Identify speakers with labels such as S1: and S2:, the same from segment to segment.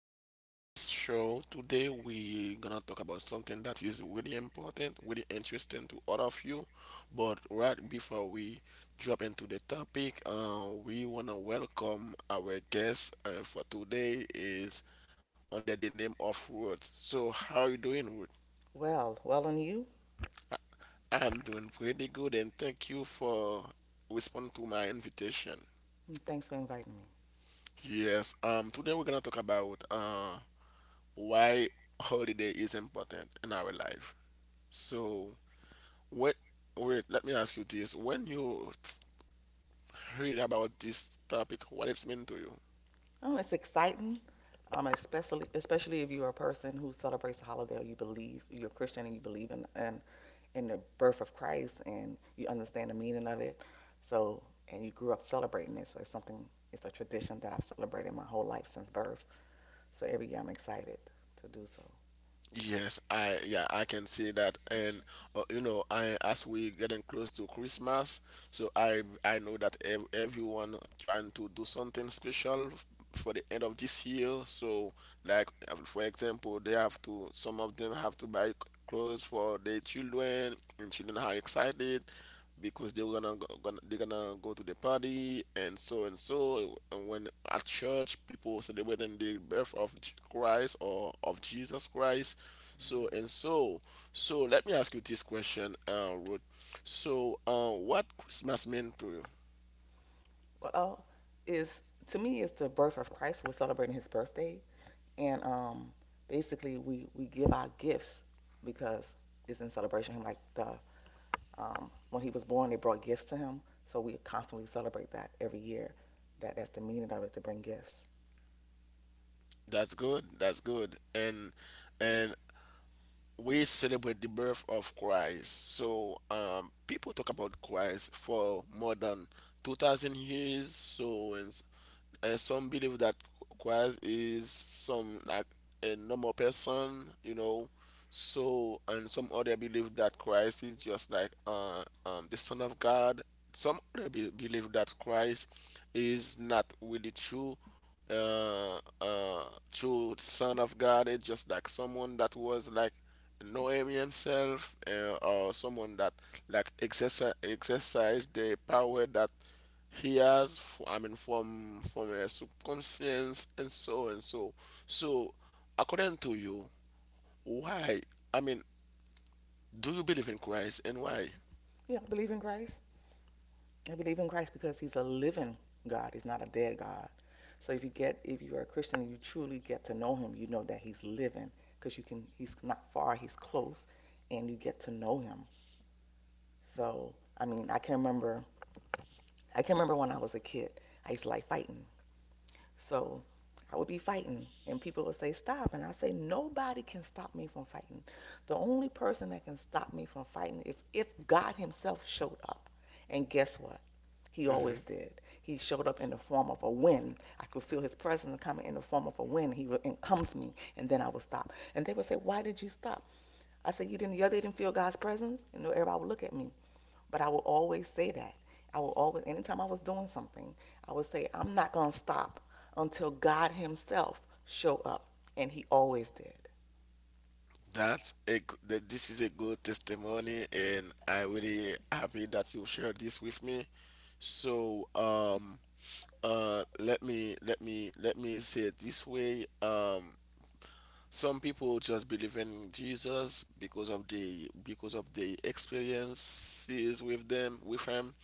S1: our podcast show. Today, we're gonna talk about something that is really important, really interesting to all of you. But right before we drop into the topic, we wanna welcome our guest for today is under the name of Ruth. So, how are you doing, Ruth?
S2: Well, well, and you?
S1: I'm doing pretty good, and thank you for responding to my invitation.
S2: And thanks for inviting me.
S1: Yes, today we're gonna talk about why holiday is important in our life. So, what, wait, let me ask you this. When you read about this topic, what it's mean to you?
S2: Oh, it's exciting, especially if you're a person who celebrates the holiday or you believe you're a Christian and you believe in the birth of Christ and you understand the meaning of it. So, and you grew up celebrating it. So it's a tradition that I've celebrated my whole life since birth. So every year I'm excited to do so.
S1: Yes, I yeah, I can see that, and I as we getting close to Christmas, so I know that everyone trying to do something special for the end of this year. So, like for example, they have to some of them have to buy clothes for their children, and children are excited because they're gonna go to the party and so and so. And when at church people celebrating the birth of Christ or of Jesus Christ, so and so. So let me ask you this question, Ruth. So, what Christmas mean to you?
S2: Well, is to me, it's the birth of Christ. We're celebrating his birthday, and basically we give our gifts because it's in celebration. Like the when he was born, they brought gifts to him, so we constantly celebrate that every year. That's the meaning of it, to bring gifts.
S1: That's good. That's good. And we celebrate the birth of Christ. So people talk about Christ for more than 2,000 years. So and some believe that Christ is some like a normal person. So and some other believe that Christ is just like the Son of God. Some other believe that Christ is not really true, uh, uh, true Son of God. It's just like someone that was like knowing himself or someone that like exercise the power that he has from a subconscious and so so according to you why i mean do you believe in Christ and why?
S2: Yeah, I believe in grace. I believe in Christ because He's a living God. He's not a dead God. So if you are a Christian and you truly get to know Him, you know that He's living because you can. He's not far. He's close, and you get to know Him. So I mean, I can remember when I was a kid, I used to like fighting. So I would be fighting, and people would say, "Stop." And I say, "Nobody can stop me from fighting. The only person that can stop me from fighting is if God Himself showed up." And guess what? He
S1: Hmm.
S2: always did. He showed up in the form of a wind. I could feel His presence coming in the form of a wind. He would encompass me, and then I would stop. And they would say, "Why did you stop?" I said, "You didn't feel God's presence?" And everybody would look at me. But I will always say that. I will always, anytime I was doing something, I would say, "I'm not going to stop until God Himself show up." And He always did.
S1: That this is a good testimony and I am really happy that you shared this with me. So let me say it this way. Some people just believe in Jesus because of the experiences with him,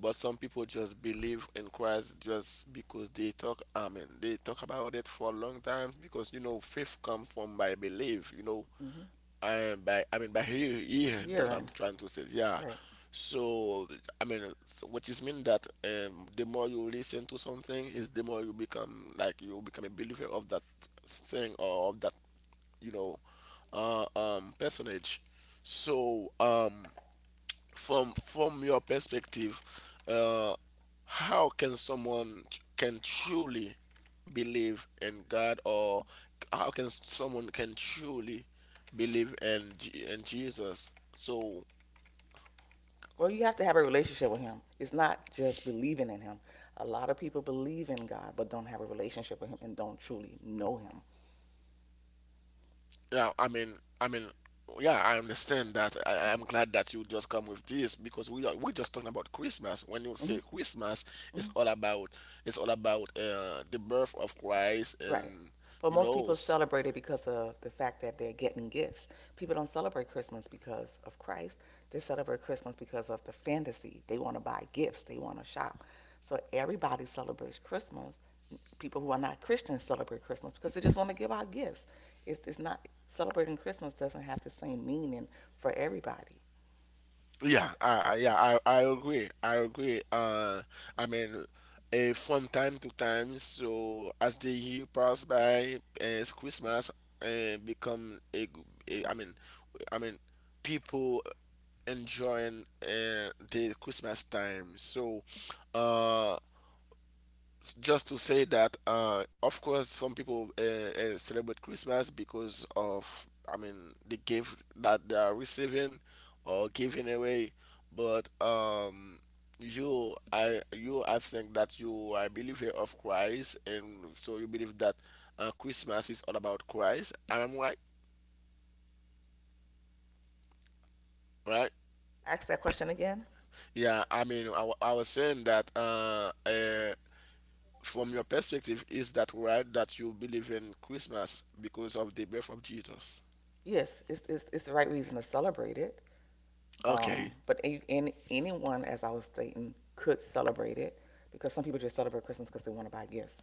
S1: but some people just believe in Christ just because they talk. I mean, they talk about it for a long time because faith comes from by belief.
S2: Hmm.
S1: I I mean by here. That's what I'm
S2: Hearing,
S1: trying to say. Yeah.
S2: right.
S1: So I mean, so which is mean that the more you listen to something is the more you become a believer of that thing or of that you know personage. So from your perspective, uh how can someone can truly believe in God, or how can someone can truly believe in in Jesus,
S2: Well, you have to have a relationship with Him. It's not just believing in Him. A lot of people believe in God, but don't have a relationship with Him and don't truly know
S1: yeah, I mean, I understand that. I'm glad that you just come with this because we just talking about Christmas. When you
S2: Him.
S1: say Christmas, it's
S2: Hmm.
S1: all about it's all about the birth of Christ
S2: Right.
S1: and
S2: But
S1: you
S2: most
S1: know
S2: people celebrate it because of the fact that they're getting gifts. People don't celebrate Christmas because of Christ. They celebrate Christmas because of the fantasy. They want to buy gifts, they want to shop. So everybody celebrates Christmas. People who are not Christians celebrate Christmas because they just want to give out gifts. It's not, celebrating Christmas doesn't have the same meaning for everybody.
S1: Yeah, yeah, I agree. I agree. I mean, from time to time, so as the year pass by, Christmas become I mean, I mean, people enjoying the Christmas time. So, uh, just to say that of course some people celebrate Christmas because of, I mean, the gift that they are receiving or giving away, but you I think that you are a believer of Christ, and so you believe that Christmas is all about Christ, I'm right?
S2: Ask that question again.
S1: Yeah, I mean, I was saying that from your perspective, is that right that you believe in Christmas because of the birth of Jesus?
S2: Yes, it's the right reason to celebrate it. Um,
S1: Okay.
S2: but a- any, anyone, as I was stating, could celebrate it because some people just celebrate Christmas because they want to buy gifts.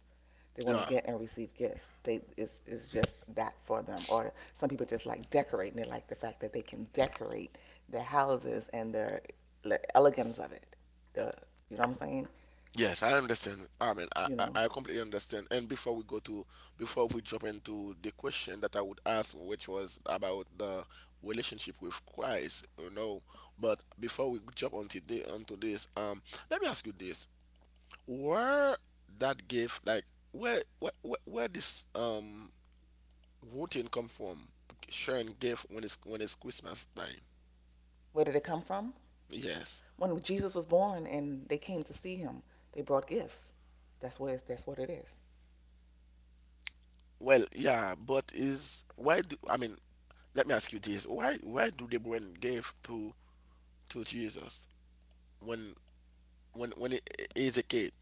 S2: They want to
S1: Yeah.
S2: get and receive gifts. It's just that for them. Or some people just like decorating. They like the fact that they can decorate their houses and the elegance of it. The, you know what I'm saying?
S1: Yes, I understand. I mean, I,
S2: You
S1: I
S2: know,
S1: I completely understand. And before we go before we jump into the question that I would ask, which was about the relationship with Christ. But before we jump onto this, let me ask you this: Where that gift, like, where this routine come from? Sharing gift when it's Christmas time.
S2: where did it come from?
S1: Yes.
S2: When Jesus was born and they came to see him, they brought gifts. That's what it is.
S1: Well, yeah, but is why do I mean, let me ask you this: Why do the women give to Jesus, when when he is a kid?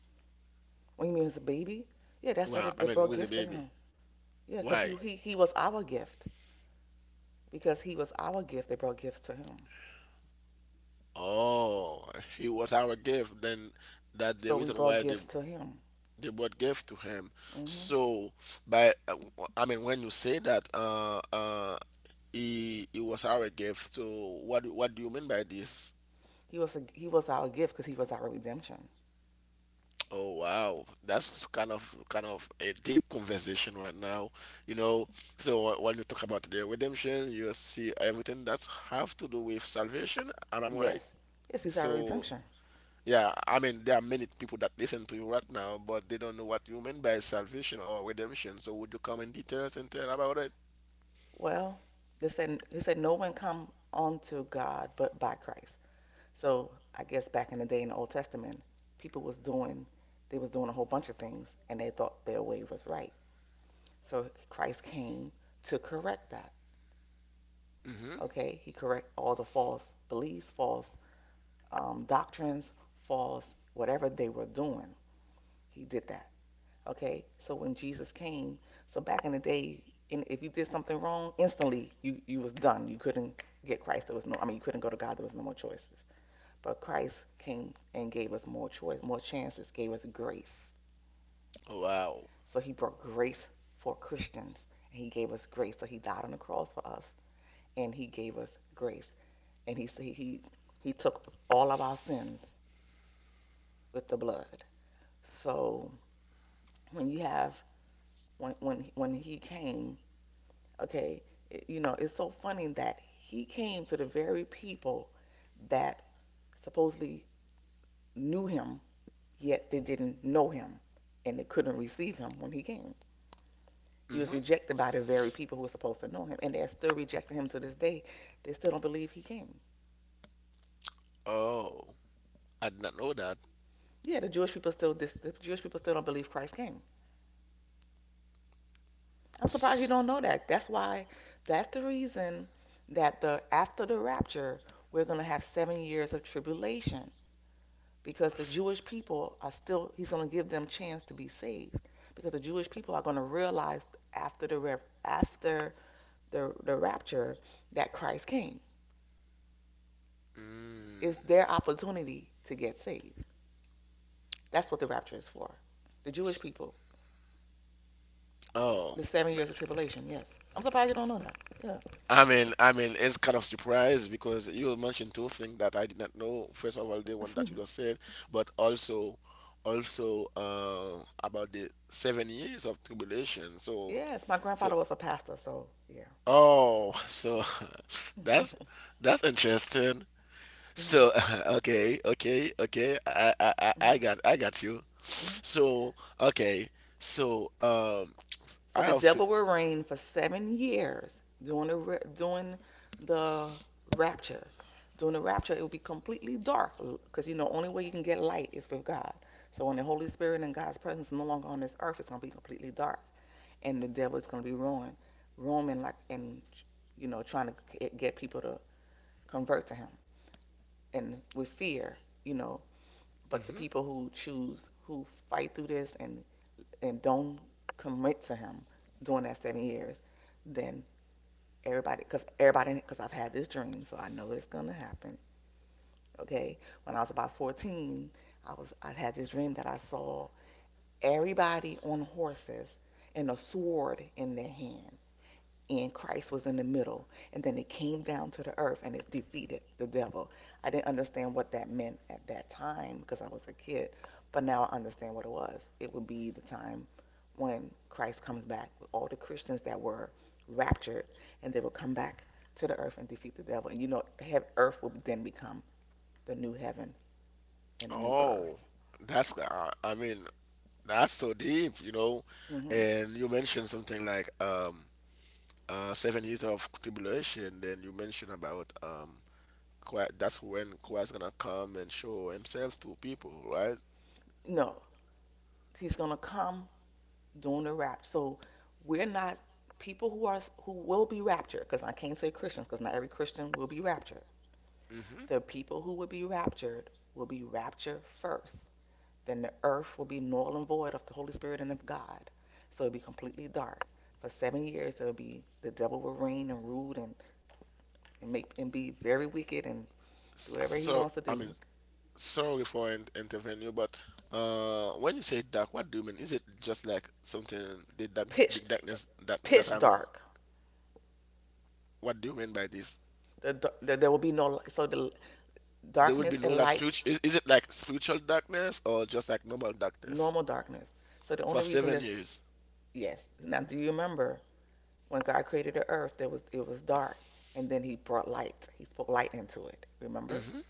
S2: When you mean it's a baby, yeah, that's what they,
S1: Well, I
S2: they
S1: mean,
S2: brought
S1: with a
S2: gifts to
S1: baby.
S2: him. Yeah, because he,
S1: Why?
S2: he, he was our gift. Because he was our gift, they brought gifts to him.
S1: Oh, he was our gift. Then that the
S2: So we
S1: reason
S2: brought
S1: why they
S2: gifts to him.
S1: they brought gift to him.
S2: Hmm.
S1: So by I mean, when you say that, he was our gift. So what do you mean by this?
S2: He was our gift because he was our redemption.
S1: Oh wow, that's kind of a deep conversation right now. You know, so when you talk about the redemption, you see everything that's have to do with salvation, and I'm right.
S2: Yes, yes, he's our
S1: So
S2: redemption.
S1: yeah, I mean there are many people that listen to you right now, but they don't know what you mean by salvation or redemption. So would you come in details and tell about it?
S2: Well, they said he said no one come unto God but by Christ. So I guess back in the day in the Old Testament, people was doing they was doing a whole bunch of things and they thought their way was right. So Christ came to correct that.
S1: Mm-hmm.
S2: Okay, he correct all the false beliefs, false doctrines, false, whatever they were doing. He did that. Okay. So when Jesus came, so back in the day, in, if you did something wrong, instantly you was done. You couldn't get Christ. There was no. I mean, you couldn't go to God. There was no more choices. But Christ came and gave us more choice, more chances. Gave us grace.
S1: Oh, wow.
S2: So He brought grace for Christians, and He gave us grace. So He died on the cross for us, and He gave us grace, and He took all of our sins with the blood. So when you have when he came, okay, it, you know, it's so funny that he came to the very people that supposedly knew him, yet they didn't know him and they couldn't receive him when he came. He was
S1: Mm-hmm.
S2: rejected by the very people who were supposed to know him, and they're still rejecting him to this day. They still don't believe he came.
S1: Oh, I did not know that.
S2: Yeah, the Jewish people still, this the Jewish people still don't believe Christ came. I'm surprised you
S1: S-
S2: don't know that. That's the reason that, the after the rapture, we're going to have 7 years of tribulation because the
S1: s-
S2: Jewish people are still, he's going to give them chance to be saved because the Jewish people are going to realize after after the rapture that Christ came.
S1: Mm.
S2: It's their opportunity to get saved. That's what the rapture is for. The Jewish
S1: S-
S2: people,
S1: Oh.
S2: the 7 years of tribulation. Yes, I'm surprised you don't know that.
S1: I mean, it's kind of surprise because you mentioned two things that I did not know. First of all, the one
S2: Yeah.
S1: that you just said, but also, about the 7 years of tribulation. So,
S2: Yes, my
S1: so
S2: grandfather was a pastor, so yeah.
S1: oh, so that's
S2: Mhm,
S1: that's interesting.
S2: mhm,
S1: So, okay, okay, okay. I, I, I I
S2: mhm,
S1: got, I got you.
S2: mhm.
S1: So, okay, so
S2: So
S1: I
S2: the
S1: have to.
S2: devil will reign for 7 years during during the rapture. During the rapture, it will be completely dark because you know only way you can get light is with God. So when the Holy Spirit and God's presence is no longer on this earth, it's gonna be completely dark, and the devil is gonna be roaring, roaming like, and you know, trying to get people to convert to him, and with fear, you know. But the
S1: Mhm.
S2: people who choose, who fight through this and don't commit to him during that 7 years, then because I've had this dream, so I know it's gonna happen. Okay, when I was about 14, I had this dream that I saw everybody on horses and a sword in their hand, and Christ was in the middle, and then it came down to the earth and it defeated the devil. I didn't understand what that meant at that time because I was a kid, but now I understand what it was. It would be the time when Christ comes back with all the Christians that were raptured, and they will come back to the earth and defeat the devil. And you know, earth will then become the new heaven and the new
S1: Oh,
S2: earth.
S1: that's. I mean, that's so deep.
S2: Hmm.
S1: And you mentioned something like 7 years of tribulation, then you mentioned about Christ, that's when Christ gonna come and show himself to people, right?
S2: No, he's gonna come doing the rapture. So we're not, people who are who will be raptured, because I can't say Christians, because not every Christian will be raptured.
S1: Hmm.
S2: The people who will be raptured first. Then the earth will be null and void of the Holy Spirit and of God. So it'll be completely dark. For 7 years it'll be, the devil will reign and rule, and make and be very wicked and do whatever he
S1: So
S2: wants to
S1: I mean,
S2: do.
S1: sorry for intervening you, but when you say dark, what do you mean? Is it just like something the
S2: Pitch
S1: darkness that
S2: pitch
S1: I'm?
S2: dark.
S1: What do you mean by this?
S2: The, there there will be no light, so the
S1: There will be
S2: darkness
S1: no
S2: and
S1: that
S2: light,
S1: spiritual. Is it like spiritual darkness or just like normal darkness
S2: normal darkness. So the
S1: for
S2: only reason
S1: seven
S2: there's,
S1: years?
S2: yes. Now, do you remember when God created the earth? There was, it was dark, and then He brought light. He spoke light into it. Remember?
S1: Hmm.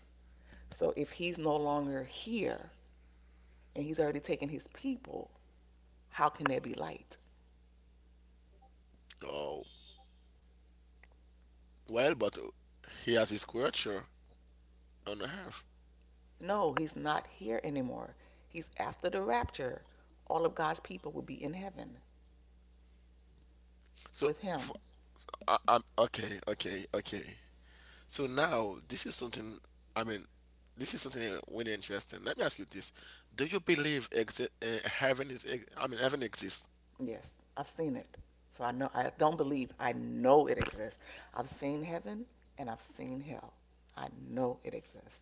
S2: So if He's no longer here and He's already taken His people, how can there be light?
S1: Oh, well, but he has his creature on Earth.
S2: No, He's not here anymore. He's after the rapture. All of God's people will be in heaven
S1: So,
S2: with
S1: f
S2: Him.
S1: I'm okay, okay, okay. So now this is something. I mean, this is something really interesting. Let me ask you this: Do you believe exi heaven is? Ex I mean, heaven exists.
S2: Yes, I've seen it. So I know. I don't believe. I know it exists. I've seen heaven and I've seen hell. I know it exists.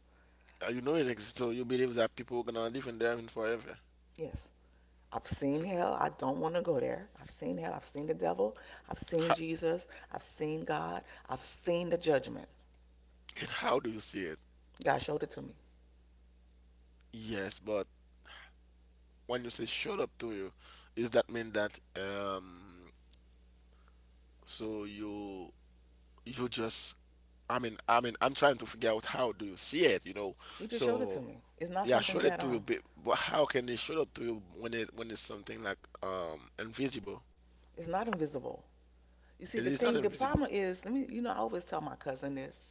S1: You know it exists, so you believe that people are gonna live in heaven forever.
S2: Yes. I've seen hell. I don't want to go there. I've seen hell. I've seen the devil. I've seen
S1: How,
S2: Jesus. I've seen God. I've seen the judgment.
S1: and how do you see it?
S2: God showed it to me.
S1: Yes, but when you say showed up to you, is that mean that so you just I mean, I'm trying to figure out how do you see it.
S2: He just showed it to
S1: So
S2: me. It's not
S1: yeah, show
S2: something
S1: it
S2: that
S1: to you, but how can they show it to you when it's something like invisible?
S2: it's not invisible. You see,
S1: It
S2: the
S1: is not
S2: thing, the
S1: invisible.
S2: problem is, let me, you know, I always tell my cousin this.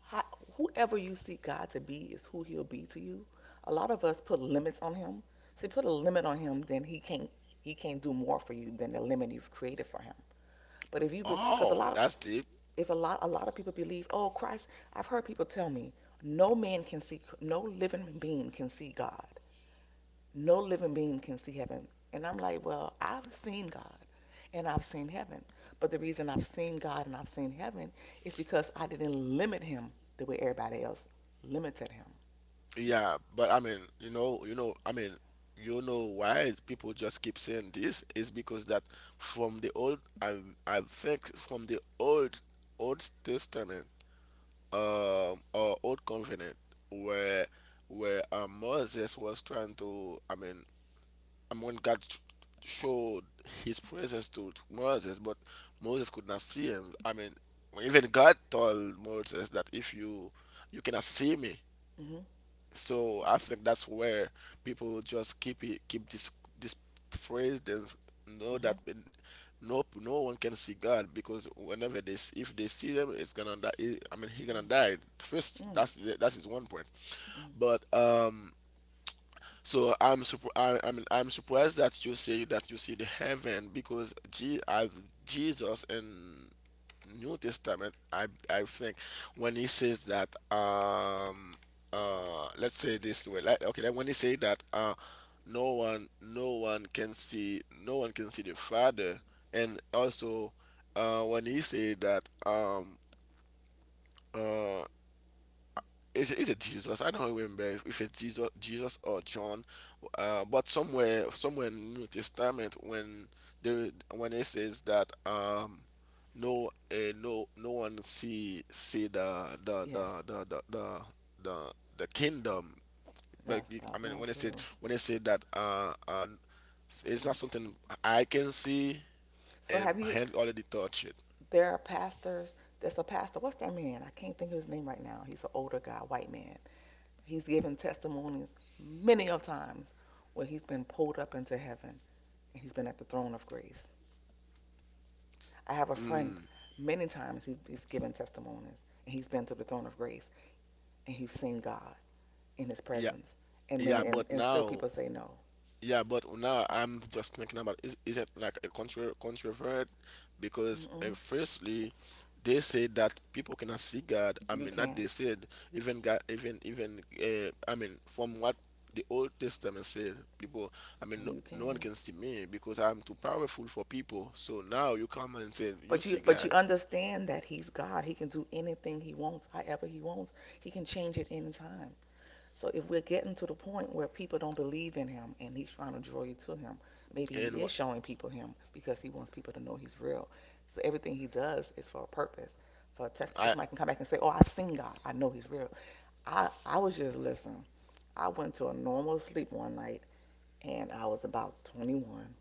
S2: How, whoever you see God to be is who He'll be to you. A lot of us put limits on Him. See, put a limit on Him, then He can't do more for you than the limit you've created for Him. But if you, because a
S1: Oh,
S2: lot of
S1: that's deep.
S2: if a lot a lot of people believe, oh, Christ, I've heard people tell me no man can see, no living being can see God, no living being can see heaven. And I'm like, well, I've seen God and I've seen heaven. But the reason I've seen God and I've seen heaven is because I didn't limit Him the way everybody else limited Him.
S1: Yeah, but I mean, I mean, you know why people just keep saying this is because that from the old, I I think from the Old Testament, or Old Covenant, where Moses was trying I mean, and when God showed his presence to Moses, but Moses could not see him. I mean, even God told Moses that if you cannot see me.
S2: Mhm.
S1: So I think that's where people just keep this phrase. Then know that
S2: Mhm.
S1: when- No, no one can see God because whenever if they see him, it's gonna die. I mean, he gonna
S2: Mhm.
S1: die first.
S2: mm,
S1: That's his one point.
S2: mm.
S1: But so I'm I'm surprised that you say that you see the heaven because G as Jesus in New Testament, I think when he says that let's say this way, like, okay, like when he say that no one no one can see no one can see the Father, and also when he say that uh, is it Jesus? I don't remember if it's Jesus, or John, but somewhere in New Testament when they when it says that no one see the the
S2: Yes,
S1: the the the the the, the kingdom. But
S2: that's
S1: I mean,
S2: not true.
S1: when it said that
S2: That's
S1: it's not
S2: not true.
S1: something I can see
S2: So
S1: and
S2: have you
S1: had already touched it.
S2: There are pastors. There's a pastor. What's that man? I can't think of his name right now. He's an older guy, white man. He's given testimonies many of times where he's been pulled up into heaven and he's been at the throne of grace. I have a friend.
S1: Mm,
S2: Many times he's given testimonies and he's been to the throne of grace and he's seen God in His
S1: yeah
S2: presence. And
S1: yeah,
S2: many and, and still people say no.
S1: But now I'm just thinking about, is it like a contra controvert? Because
S2: Mm-mm.
S1: firstly, they say that people cannot see God. I
S2: you
S1: mean, not
S2: can,
S1: they said even God, even I mean, from what the Old Testament said, people. I mean, no,
S2: you
S1: no one
S2: can.
S1: can see me because I'm too powerful for people. So now you come and say you
S2: But
S1: see God,
S2: you understand that He's God. He can do anything He wants, however He wants. He can change it any time. So if we're getting to the point where people don't believe in him and he's trying to draw you to him, maybe
S1: and
S2: he
S1: wha-
S2: is showing people him because he wants people to know he's real. So everything he does is for a purpose. For a test so
S1: I
S2: somebody can come back and say, "Oh, I've seen God. I know he's real." I was just listening. I went to a normal sleep one night and I was about 21,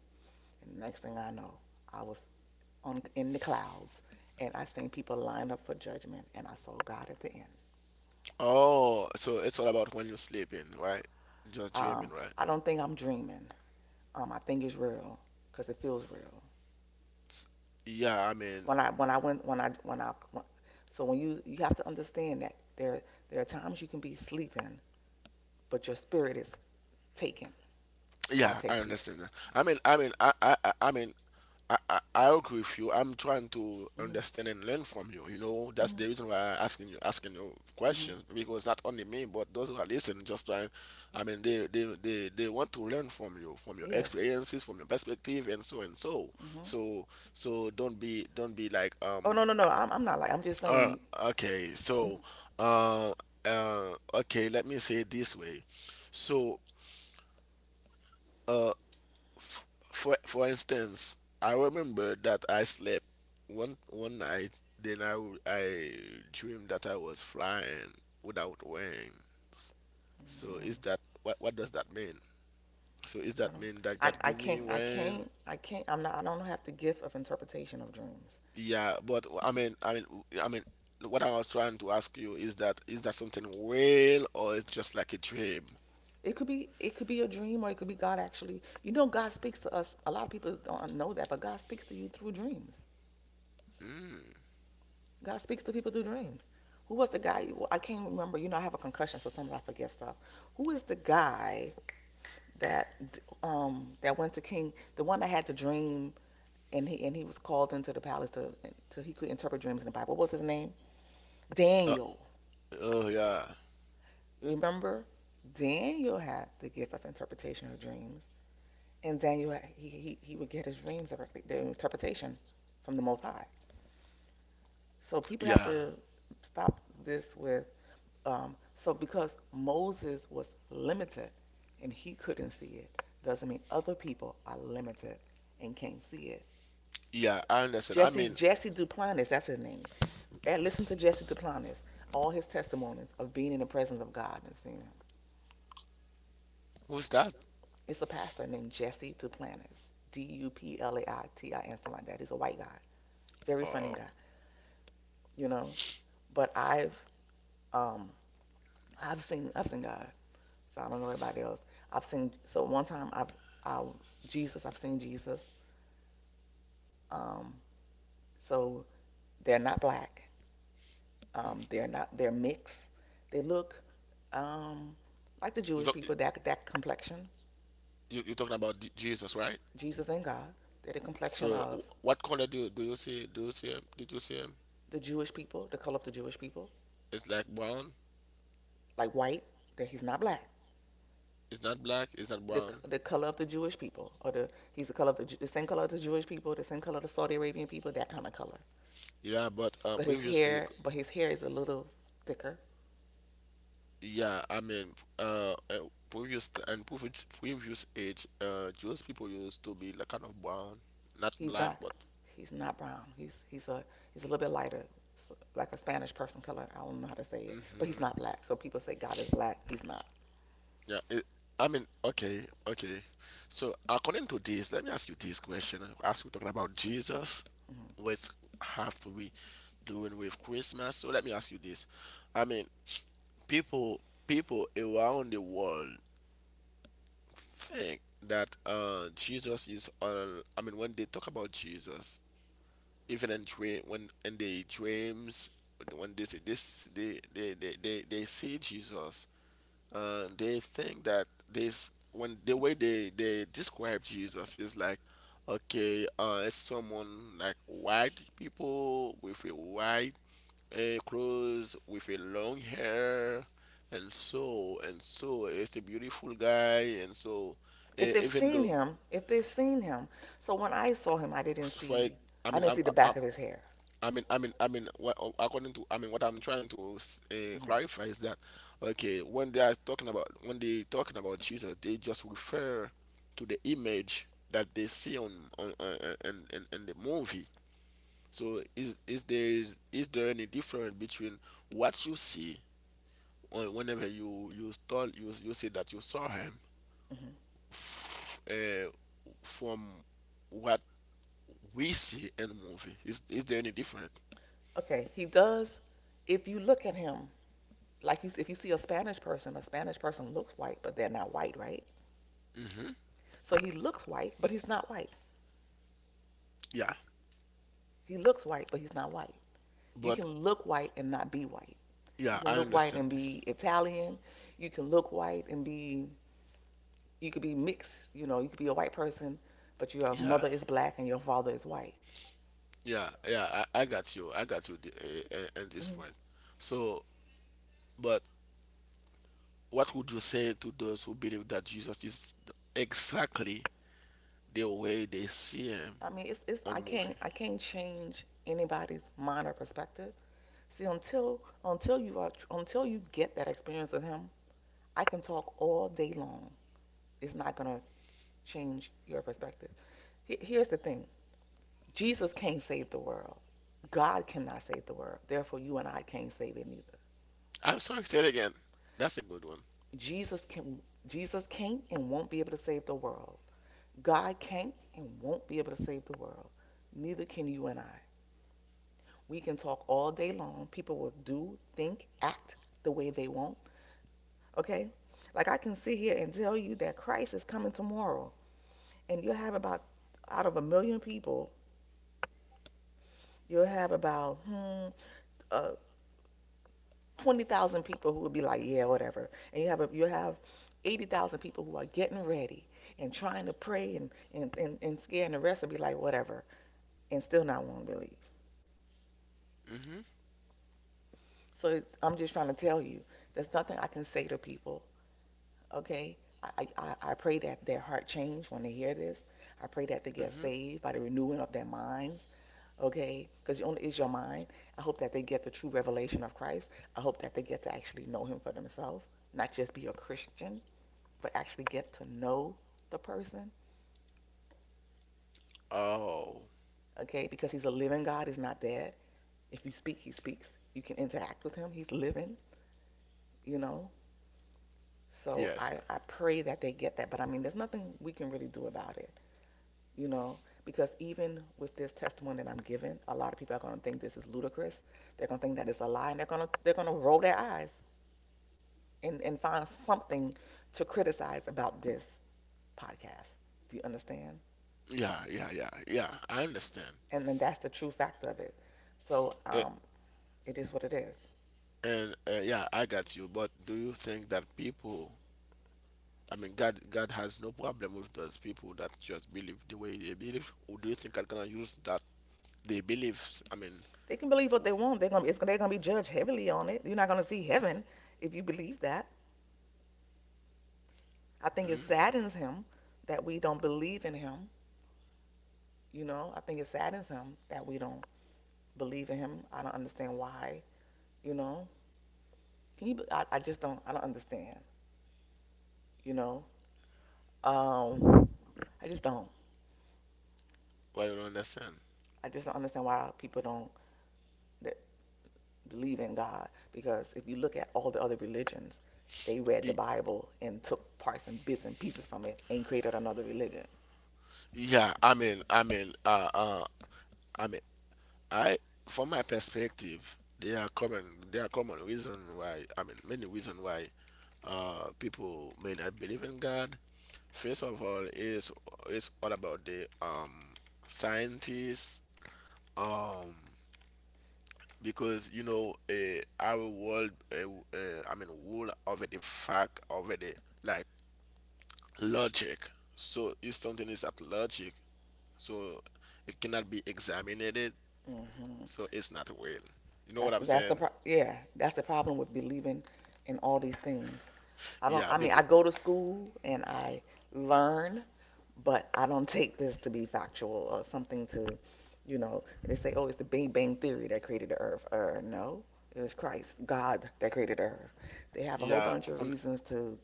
S2: and next thing I know, I was on in the clouds and I seen people line up for judgment and I saw God at the end.
S1: oh, so it's all about when you're sleeping, right? Just dreaming,
S2: Um,
S1: right?
S2: I don't think I'm dreaming. I think it's real because it feels real.
S1: S- Yeah, I mean,
S2: When I went when I when I when- So when you have to understand that there are times you can be sleeping, but your spirit is taken. God
S1: Yeah, I
S2: takes you.
S1: understand that. I mean, I mean, I mean, I agree with you. I'm trying to
S2: Mhm.
S1: understand and learn from you. You know, that's
S2: Mhm.
S1: the reason why I'm asking you
S2: Mhm.
S1: questions because not only me, but those who are listening, just trying. I mean, they want to learn from you, from your
S2: Yes.
S1: experiences, from your perspective, and so and so.
S2: Mhm.
S1: So, don't be like,
S2: Oh, no no no. I'm not, like, I'm just
S1: uh,
S2: saying.
S1: okay,
S2: Mm,
S1: so, uh, uh, okay, let me say it this way. So, uh, f- for instance, I remember that I slept one night. Then I w- I Dreamed that I was flying without wings. So
S2: mm,
S1: is that what does that mean? So is
S2: I
S1: that
S2: don't.
S1: mean that
S2: I,
S1: God
S2: I
S1: give me
S2: can't,
S1: wings?
S2: I'm not, I don't have the gift of interpretation of dreams.
S1: Yeah, but I mean what I was trying to ask you is that something real or it's just like a dream?
S2: It could be a dream or it could be God actually. You know, God speaks to us. A lot of people don't know that, but God speaks to you through dreams.
S1: Mm.
S2: God speaks to people through dreams. Who was the guy? Well, I can't remember. You know, I have a concussion, so sometimes I forget stuff. Who is the guy that that went to King? The one that had the dream, and he was called into the palace to he could interpret dreams in the Bible. What was his name?
S1: Uh,
S2: Daniel.
S1: oh yeah,
S2: Remember, Daniel had the gift of interpretation of dreams, and Daniel, he would get his dreams directly, the interpretation from the Most High. So people have
S1: yeah,
S2: to stop this with, Um, so because Moses was limited and he couldn't see it, doesn't mean other people are limited and can't see it.
S1: yeah. I understand. I mean,
S2: Jesse Duplantis, that's his name. And listen to Jesse Duplantis, all his testimonies of being in the presence of God and seeing Him.
S1: who's that?
S2: It's a pastor named Jesse Duplantis, D-U-P-L-A-I-T-I, and something like that. He's a white guy, very funny
S1: Oh,
S2: guy, you know. But um I've seen I've seen God. So I don't know everybody else. I've seen, so one time I I've seen Jesus. Um, so they're not black.
S1: mm.
S2: They're not, they're mixed. They look um, like the
S1: You
S2: Jewish
S1: don't.
S2: people. That, that complexion.
S1: You're talking about Jesus, right?
S2: Jesus and God. They're the complexion
S1: So
S2: of
S1: what color do you see? Do you see him? Did you see him?
S2: the Jewish people, the color of the Jewish people,
S1: It's like brown.
S2: like white. That he's not black.
S1: It's not black. It's not
S2: The,
S1: brown.
S2: the color of the Jewish people, or the, he's the color of the same color of the Jewish people, the same color of the Saudi Arabian people, that kind of color.
S1: Yeah, but
S2: But his
S1: previously,
S2: hair, is a little thicker.
S1: yeah, I mean, previous t- and previous previous age, Jewish people used to be like kind of brown, not
S2: He's
S1: black,
S2: not.
S1: but
S2: He's not brown. He's a, he's a little bit lighter, like a Spanish person color. I don't know how to say it, but he's
S1: hmm
S2: not black. So people say God is black. He's not.
S1: yeah. It, I mean, okay, okay. So according to this, let me ask you this question. As we're talking about Jesus,
S2: Hmm.
S1: what have to be doing with Christmas. So let me ask you this. I mean, people people around the world think that Jesus is on I mean when they talk about Jesus, even in dream when in their dreams when they see this they see Jesus, they think that this when the way they describe Jesus is like okay, it's someone like white people with a white a clothes with a long hair and so it's a beautiful guy and so even though
S2: If they've seen him, so when I saw him,
S1: for like,
S2: I didn't see the
S1: I'm
S2: back of his hair.
S1: I mean, What, according to, I mean, what I'm trying to
S2: Hmm.
S1: clarify is that, okay, when they are talking about, when they talking about Jesus, they just refer to the image that they see on in the movie. So is there any difference between what you see whenever you say that you saw him
S2: Hmm.
S1: f- uh, from what we see in the movie is there any different
S2: Okay, he does. If you look at him, like you, if you see a Spanish person looks white, but they're not white, right?
S1: hmm
S2: So he looks white, but he's not white.
S1: yeah
S2: He looks white, but he's not white. You
S1: but
S2: can look white and not be white. You
S1: yeah
S2: can
S1: I
S2: look white
S1: understand
S2: and be
S1: this
S2: Italian. You can look white and be, you could be mixed. You know, you could be a white person, but your
S1: yeah
S2: mother is black and your father is white.
S1: yeah yeah I got you I got you the, at this
S2: Hmm.
S1: point so but what would you say to those who believe that jesus is exactly the way they see him
S2: I mean, it's
S1: on
S2: I can't,
S1: movie.
S2: change anybody's mind or perspective. See, until you are, until you get that experience with him, I can talk all day long. It's not gonna change your perspective. Here's the thing: Jesus can't save the world. God cannot save the world. Therefore, you and I can't save it neither.
S1: I'm sorry, say it again. That's a good one.
S2: Jesus can Jesus can't and won't be able to save the world. God can't and won't be able to save the world. Neither can you and I. We can talk all day long. People will do, think, act the way they want. Okay? Like I can sit here and tell you that Christ is coming tomorrow, and you'll have about, out of a million people, you'll have about uh, 20,000 people who would be like, yeah, whatever. And you have a, you have 80,000 people who are getting ready and trying to pray and and scaring the rest and be like, whatever, and still not want to believe.
S1: Hmm
S2: So it's, I'm just trying to tell you, there's nothing I can say to people. Okay, I I pray that their heart change when they hear this. I pray that they get
S1: hmm
S2: saved by the renewing of their minds. Okay, because only is your mind. I hope that they get the true revelation of Christ. I hope that they get to actually know Him for themselves, not just be a Christian. But actually get to know the person,
S1: oh
S2: okay? Because he's a living God, he's not dead. If you speak, he speaks. You can interact with him, he's living, you know? So
S1: yes.
S2: I pray that they get that. But I mean, there's nothing we can really do about it, you know? Because even with this testimony that I'm giving, a lot of people are going to think this is ludicrous. They're going to think that it's a lie, and they're going to roll their eyes and find something to criticize about this podcast. Do you understand?
S1: Yeah, yeah, yeah, yeah. I understand.
S2: And then that's the true fact of it. So
S1: Eh,
S2: it is what it is.
S1: And, yeah, I got you. But do you think that people, I mean, God has no problem with those people that just believe the way they believe, or do you think God gonna use that they believe? I mean,
S2: They can believe what
S1: w-
S2: they want. They're gonna be judged heavily on it. You're not gonna see heaven if you believe that. I think it
S1: mm,
S2: saddens him that we don't believe in him. You know, I think it saddens him that we don't believe in him. I don't understand why. You know, can you? I just don't. I don't understand. You know, um, I just don't.
S1: well, I don't understand.
S2: I just don't understand why people don't, that believe in God. Because if you look at all the other religions, they read the
S1: Y-
S2: Bible and took parts and bits and pieces from it and created another religion.
S1: Yeah, I mean, I mean, I, from my perspective, there are common reason why, I mean, many reason why, people may not believe in God. First of all, is it's all about the scientists um because you know our world I mean world over the fact over the like logic. So if something is at logic, so it cannot be examined,
S2: Hmm.
S1: so it's not real. You know
S2: That's
S1: what I'm
S2: the,
S1: saying?
S2: that's the problem with believing in all these things. I don't.
S1: Yeah,
S2: I mean, I
S1: because
S2: go to school and I learn, but I don't take this to be factual or something to, you know. They say, oh, it's the Big Bang theory that created the Earth. No, it was Christ, God, that created the Earth. They have a whole
S1: yeah,
S2: bunch of
S1: when-
S2: reasons to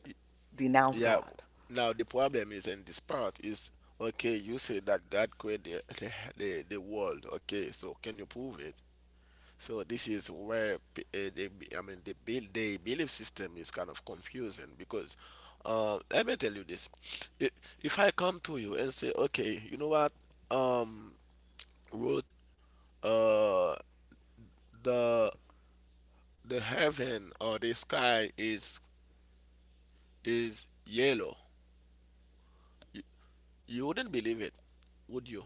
S2: denounce
S1: yeah.
S2: God.
S1: Now the problem is in this part is okay. You say that God created the world. Okay, so can you prove it? So this is where I mean the belief system is kind of confusing because let me tell you this: I- if I come to you and say, okay, you know what, um, Ruth, uh, the the heaven or the sky is yellow, you, you wouldn't believe it, would you?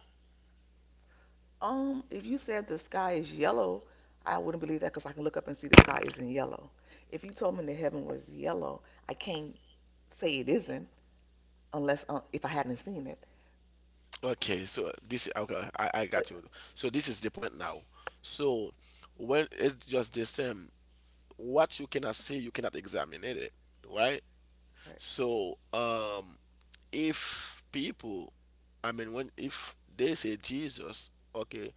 S2: If you said the sky is yellow, I wouldn't believe that because I can look up and see the sky isn't yellow. If you told me the heaven was yellow, I can't say it isn't unless if I hadn't seen it.
S1: Okay, so this okay, I
S2: So,
S1: got you. So this is the point now. So when it's just the same, what you cannot see, you cannot examine it, right?
S2: right.
S1: So if people, I mean, when if they say Jesus, okay,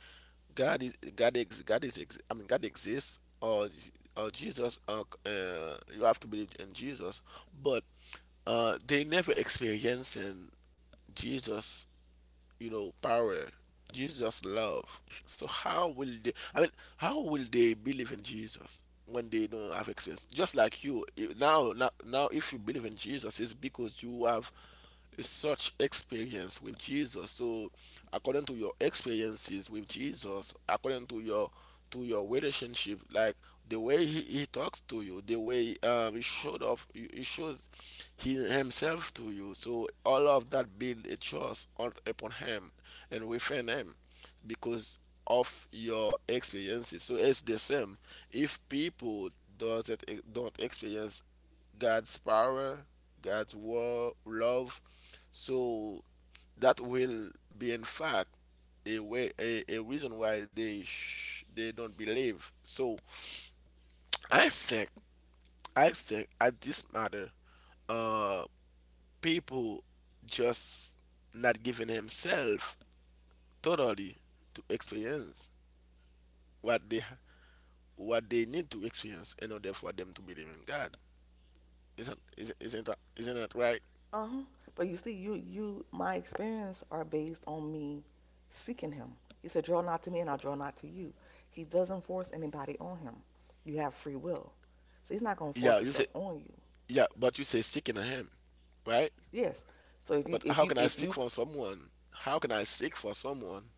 S1: God is ex I mean God exists or Jesus, you have to believe in Jesus, but they never experiencing Jesus you know, power. Jesus just love. So how will they? I mean, how will they believe in Jesus when they don't have experience? Just like now, if you believe in Jesus, it's because you have such experience with Jesus. So, according to your experiences with Jesus, according to your relationship, like the way he talks to you, the way he shows himself to you. So all of that build a trust on, upon him and within him, because of your experiences. So it's the same. If people doesn't don't experience God's power, God's love, so that will be, in fact, a way, a reason why they don't believe. So I think, I think at this matter, uh, people just not giving himself totally to experience what they ha- what they need to experience in order for them to believe in God. Isn't that right?
S2: Uh huh. But you see, you my experience are based on me seeking Him. He said, "Draw not to me, and I'll draw not to you." He doesn't force anybody on Him. You have free will, so He's not going to force
S1: Yeah, you say
S2: Himself on you.
S1: yeah, but you say seeking Him, right?
S2: Yes. So if you
S1: But
S2: if
S1: how
S2: you
S1: can I
S2: if
S1: seek
S2: you
S1: for someone? How can I seek for someone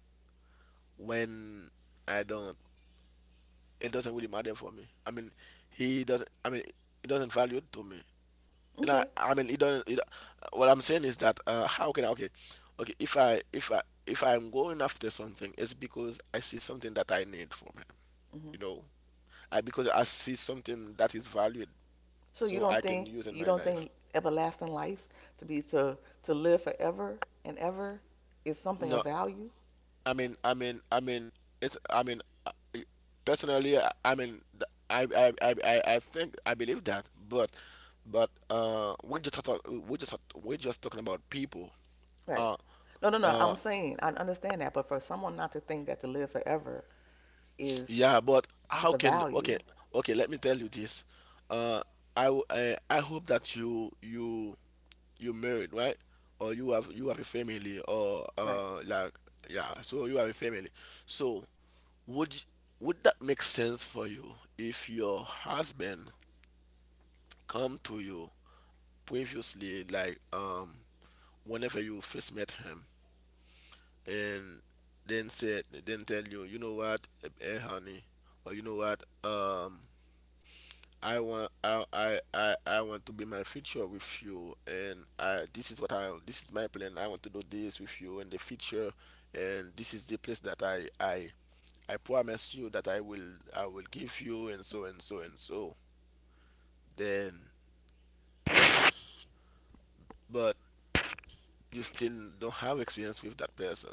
S1: when I don't? It doesn't really matter for me. I mean, he doesn't. I mean, it doesn't value to me. And
S2: okay,
S1: I mean, it doesn't. It, what I'm saying is that how can I? Okay, okay. If I'm going after something, it's because I see something that I need from him.
S2: hmm,
S1: You know, I because I see something that is valued,
S2: so you
S1: so
S2: don't
S1: I can
S2: think,
S1: use in my life.
S2: everlasting life to be, to live forever and ever is something
S1: No,
S2: of value,
S1: I mean, I mean, I mean, I mean, I- personally, I think I believe that, but we just talk, we just talking about people.
S2: right?
S1: Uh,
S2: No, no, no.
S1: uh,
S2: I'm saying I understand that, but for someone not to think that to live forever is
S1: yeah, but
S2: is
S1: how
S2: a
S1: can okay,
S2: value,
S1: okay? Let me tell you this. Uh, I hope that you married, right? Or you have a family, or
S2: right?
S1: like yeah. So you have a family. So Would y- would that make sense for you if your husband come to you previously, like whenever you first met him, and then said then tell you, you know what, honey, or you know what. I want to be my future with you and I this is what I this is my plan. I want to do this with you in the future and this is the place that I promise you that I will give you and so and so and so then but you still don't have experience with that person.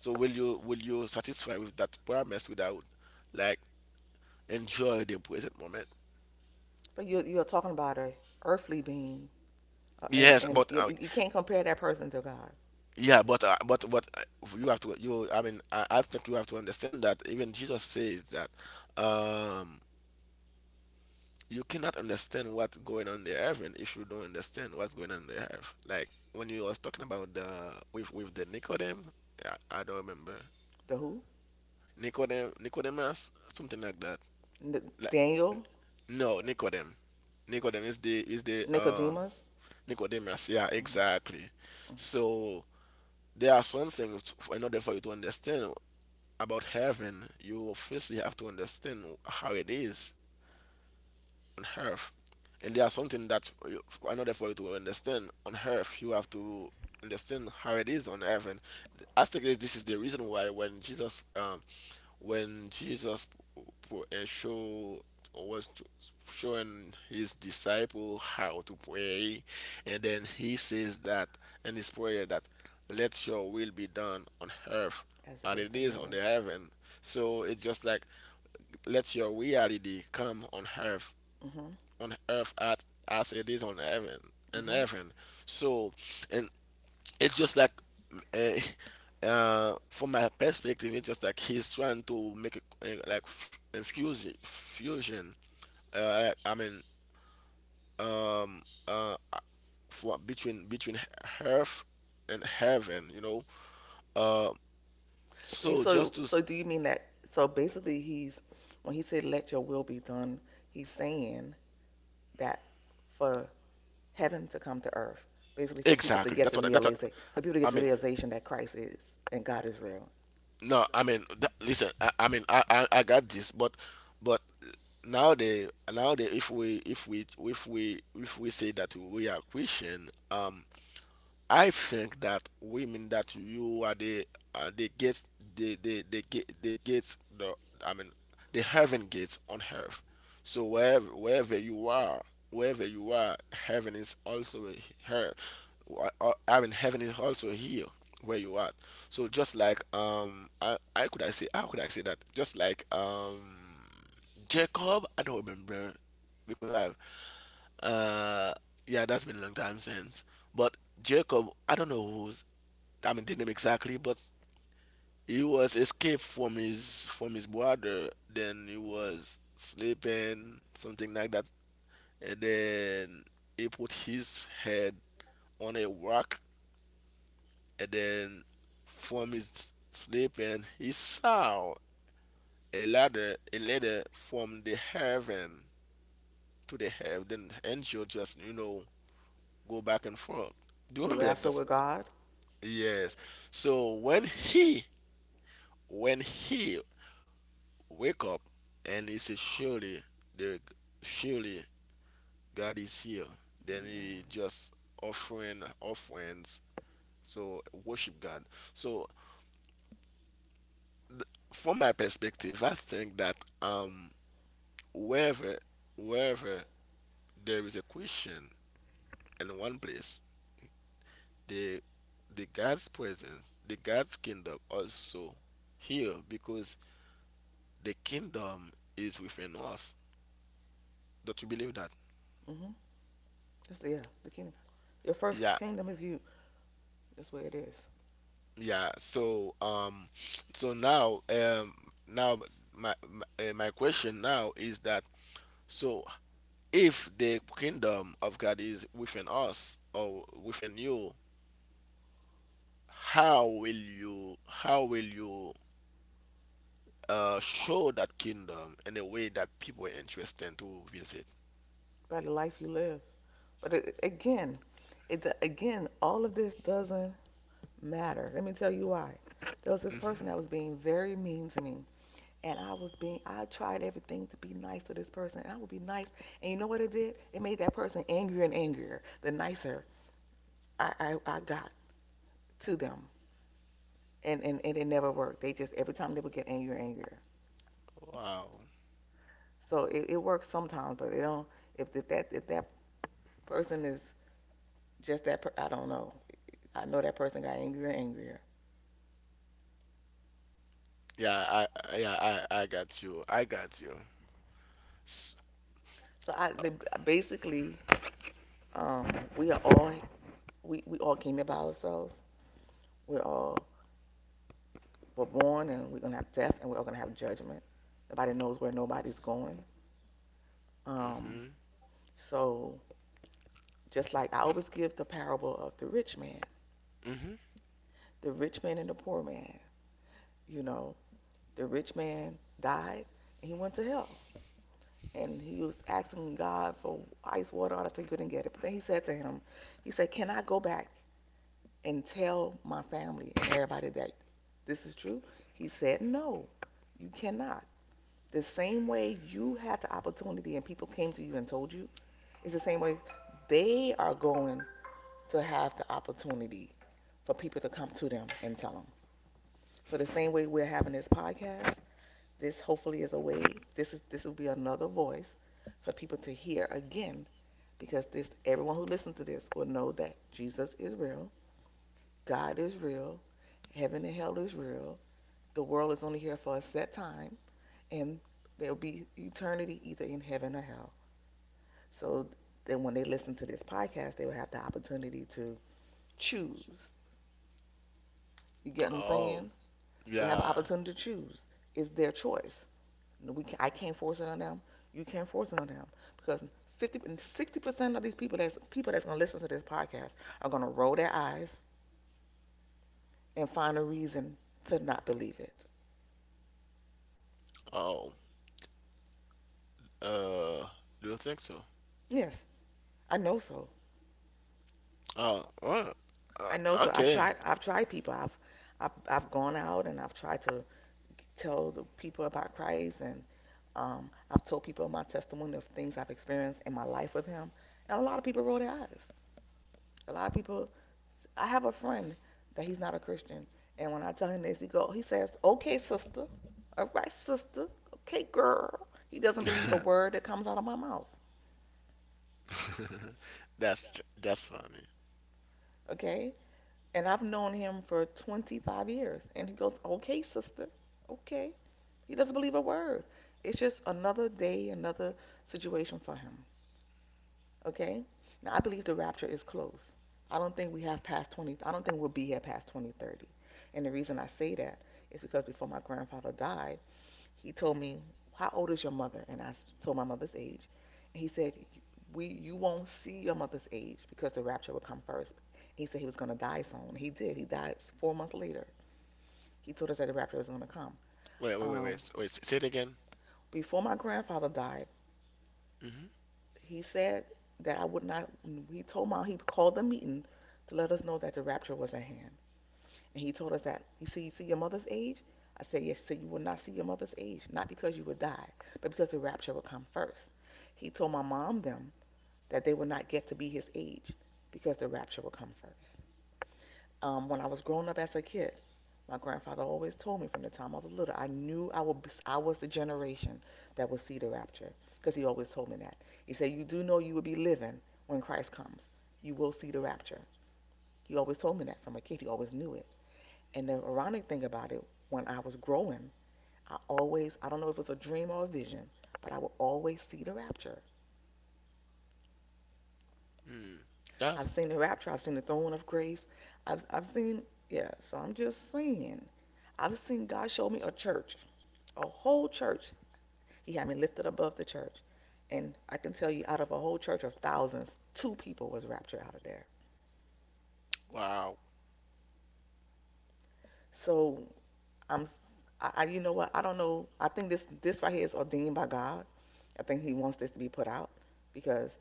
S1: So will you satisfy with that promise without like enjoy the present moment?
S2: But you're talking about a earthly being, and
S1: Yes, but
S2: you, you can't compare that person to God.
S1: yeah, but uh, but but uh, you have to you. I mean, I think you have to understand that even Jesus says that um you cannot understand what's going on in the heaven if you don't understand what's going on in the earth. Like when you was talking about the with the Nicodem, I don't remember
S2: The who?
S1: Nicodemus something like that.
S2: Daniel,
S1: No, Nicodem. Nicodem is the
S2: Nicodemus.
S1: Nicodemus. Yeah,
S2: Hmm. Hmm.
S1: exactly. So there are some things in order for you to understand about heaven, you firstly have to understand how it is on earth. And there are something that in order for you to understand on earth, you have to understand how it is on heaven. I think that this is the reason why when Jesus p- p- uh, show or was t- showing his disciple how to pray, and then he says that in his prayer that let your will be done on earth
S2: As it
S1: and
S2: is
S1: it
S2: in
S1: is on
S2: heaven.
S1: the heaven. So it's just like let your reality come
S2: Hmm.
S1: on earth at, as it is on heaven, in
S2: Hmm.
S1: heaven. So, and it's just like from my perspective, it's just like he's trying to make a fusion. I mean, um, uh, for between earth and heaven, you know. Uh,
S2: So, you-
S1: so
S2: so
S1: just to
S2: so do you mean that? So basically, he's when he said, "Let your will be done," he's saying that for heaven to come to earth, basically
S1: exactly that's what
S2: for people to
S1: I
S2: get the
S1: mean.
S2: realization that Christ is and God is real.
S1: No, I mean, that, listen, I mean, I got this, but but nowadays if we say that we are Christian, I think that women that you are they get they get the I mean the heaven gates on earth. So wherever you are, wherever you are, heaven is also here. I mean heaven is also here where you are. So just like I could I say how could I say that? Just like Jacob, I don't remember because I uh, yeah, that's been a long time since. But Jacob, I don't know who's, I mean, the name exactly, but he was escaped from his brother. Then he was sleeping, something like that. And then he put his head on a rock. And then from his sleeping, he saw a ladder from the heaven to the heaven. Then angel just, you know, go back and forth. Do you
S2: You
S1: remember that?
S2: wrestle
S1: That's
S2: with God.
S1: yes. So when he wake up and he says, "Surely there, surely God is here," then he
S2: Mm-hmm.
S1: just offerings. So worship God. So from my perspective, I think that wherever wherever there is a Christian in one place, the the God's presence, the God's kingdom also here because the kingdom is within us. Don't you believe that?
S2: Mm-hmm. That's yeah, the kingdom. Your first
S1: Yeah,
S2: kingdom is you. That's where it is.
S1: yeah. So, so now, now my question now is that so if the kingdom of God is within us or within you, how will you show that kingdom in a way that people are interested to visit?
S2: By the life you live. But it again, all of this doesn't matter. Let me tell you why. There was this person
S1: Hmm.
S2: that was being very mean to me, and I was being I tried everything to be nice to this person, and I would be nice. And you know what it did? It made that person angrier and angrier. The nicer I got to them, and it never worked. They just, every time they would get angrier and angrier.
S1: Wow.
S2: So it works sometimes, but it don't, if that person is just that, I don't know. I know that person got angrier and angrier.
S1: Yeah, I- yeah I got you. I got you. S-
S2: So, basically, um, we are all, we all came here by ourselves. We're all, we're born and we're gonna have death and we're all gonna have judgment. Nobody knows where nobody's going. Um,
S1: mhm.
S2: so just like I always give the parable of
S1: Mhm.
S2: the rich man and the poor man. You know, the rich man died and he went to hell. And he was asking God for ice water, all that stuff. He couldn't get it. But then he said to him, he said, "Can I go back and tell my family and everybody that this is true?" He said, "No, you cannot. The same way you had the opportunity and people came to you and told you, it's the same way they are going to have the opportunity for people to come to them and tell them." So the same way we're having this podcast, this hopefully is a way, this will be another voice for people to hear again, because this everyone who listens to this will know that Jesus is real, God is real, heaven and hell is real. The world is only here for a set time and there'll be eternity either in heaven or hell. So then when they listen to this podcast, they will have the opportunity to choose. You get what I'm
S1: Oh,
S2: saying? They'll have an
S1: yeah.
S2: opportunity to choose. It's their choice. No, I can't force it on them. You can't force it on them because 50 60% of these people that's gonna listen to this podcast are gonna roll their eyes and find a reason to not believe it.
S1: Oh, Uh, do you think so?
S2: Yes, I know so.
S1: Oh, well, uh,
S2: I know so. I've
S1: okay.
S2: tried. I've tried people. I've gone out and I've tried to tell the people about Christ, and I've told people my testimony of things I've experienced in my life with Him, and a lot of people roll their eyes. A lot of people I have a friend that he's not a Christian, and when I tell him this, he says, "Okay, sister, all right, sister, okay, girl." He doesn't believe a word that comes out of my mouth,
S1: That's funny.
S2: okay? And I've known him for 25 years, and he goes, "Okay, sister, okay." He doesn't believe a word. It's just another day, another situation for him, okay? Now I believe the rapture is close. I don't think we have past 20. I don't think we'll be here past 2030. And the reason I say that is because before my grandfather died, he told me, "How old is your mother?" And I told my mother's age. And he said, "We, you won't see your mother's age because the rapture will come first." He said he was going to die soon. He did. He died 4 months later. He told us that the rapture was going to come.
S1: Wait, wait, wait, wait,
S2: Um,
S1: s- wait. s- Say it again.
S2: Before my grandfather died,
S1: Mm-hmm.
S2: he said that I would not. He told my He called a meeting to let us know that the rapture was at hand. And he told us that, you see your mother's age? I said, "Yes, so you will not see your mother's age, not because you will die, but because the rapture will come first." He told my mom them that they will not get to be his age because the rapture will come first. When I was growing up as a kid, my grandfather always told me from the time I was little, I knew I would be, I was the generation that would see the rapture because he always told me that. He said, "You do know you will be living when Christ comes. You will see the rapture." He always told me that from a kid. He always knew it. And the ironic thing about it, when I was growing, I don't know if it was a dream or a vision, but I would always see the rapture.
S1: Mm. That's
S2: I've seen the rapture, I've seen the throne of grace. I've seen, yeah, so I'm just saying. I've seen God show me a church, a whole church. He had me lifted above the church. And I can tell you, out of a whole church of thousands, two people was raptured out of there.
S1: wow.
S2: So I'm, I you know what? I don't know. I think this right here is ordained by God. I think He wants this to be put out because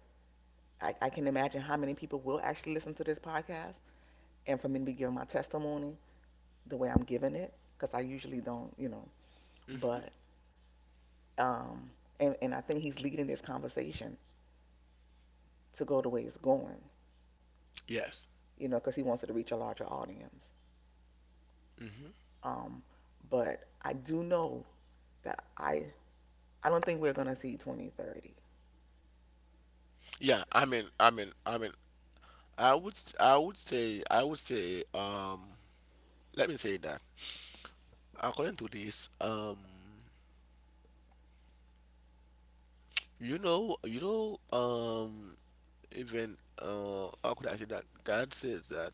S2: I can imagine how many people will actually listen to this podcast and for me to be giving my testimony the way I'm giving it, because I usually don't.
S1: Mm-hmm.
S2: But, um, and I think he's leading this conversation to go the way it's going,
S1: Yes.
S2: you know, because he wants it to reach a larger audience.
S1: Mm-hmm.
S2: Um, but I do know that I don't think we're going to see 2030,
S1: Yeah. I mean, I mean, I mean. I would say. Let me say that. According to this, you know, you know, um, even how could I say that? God says that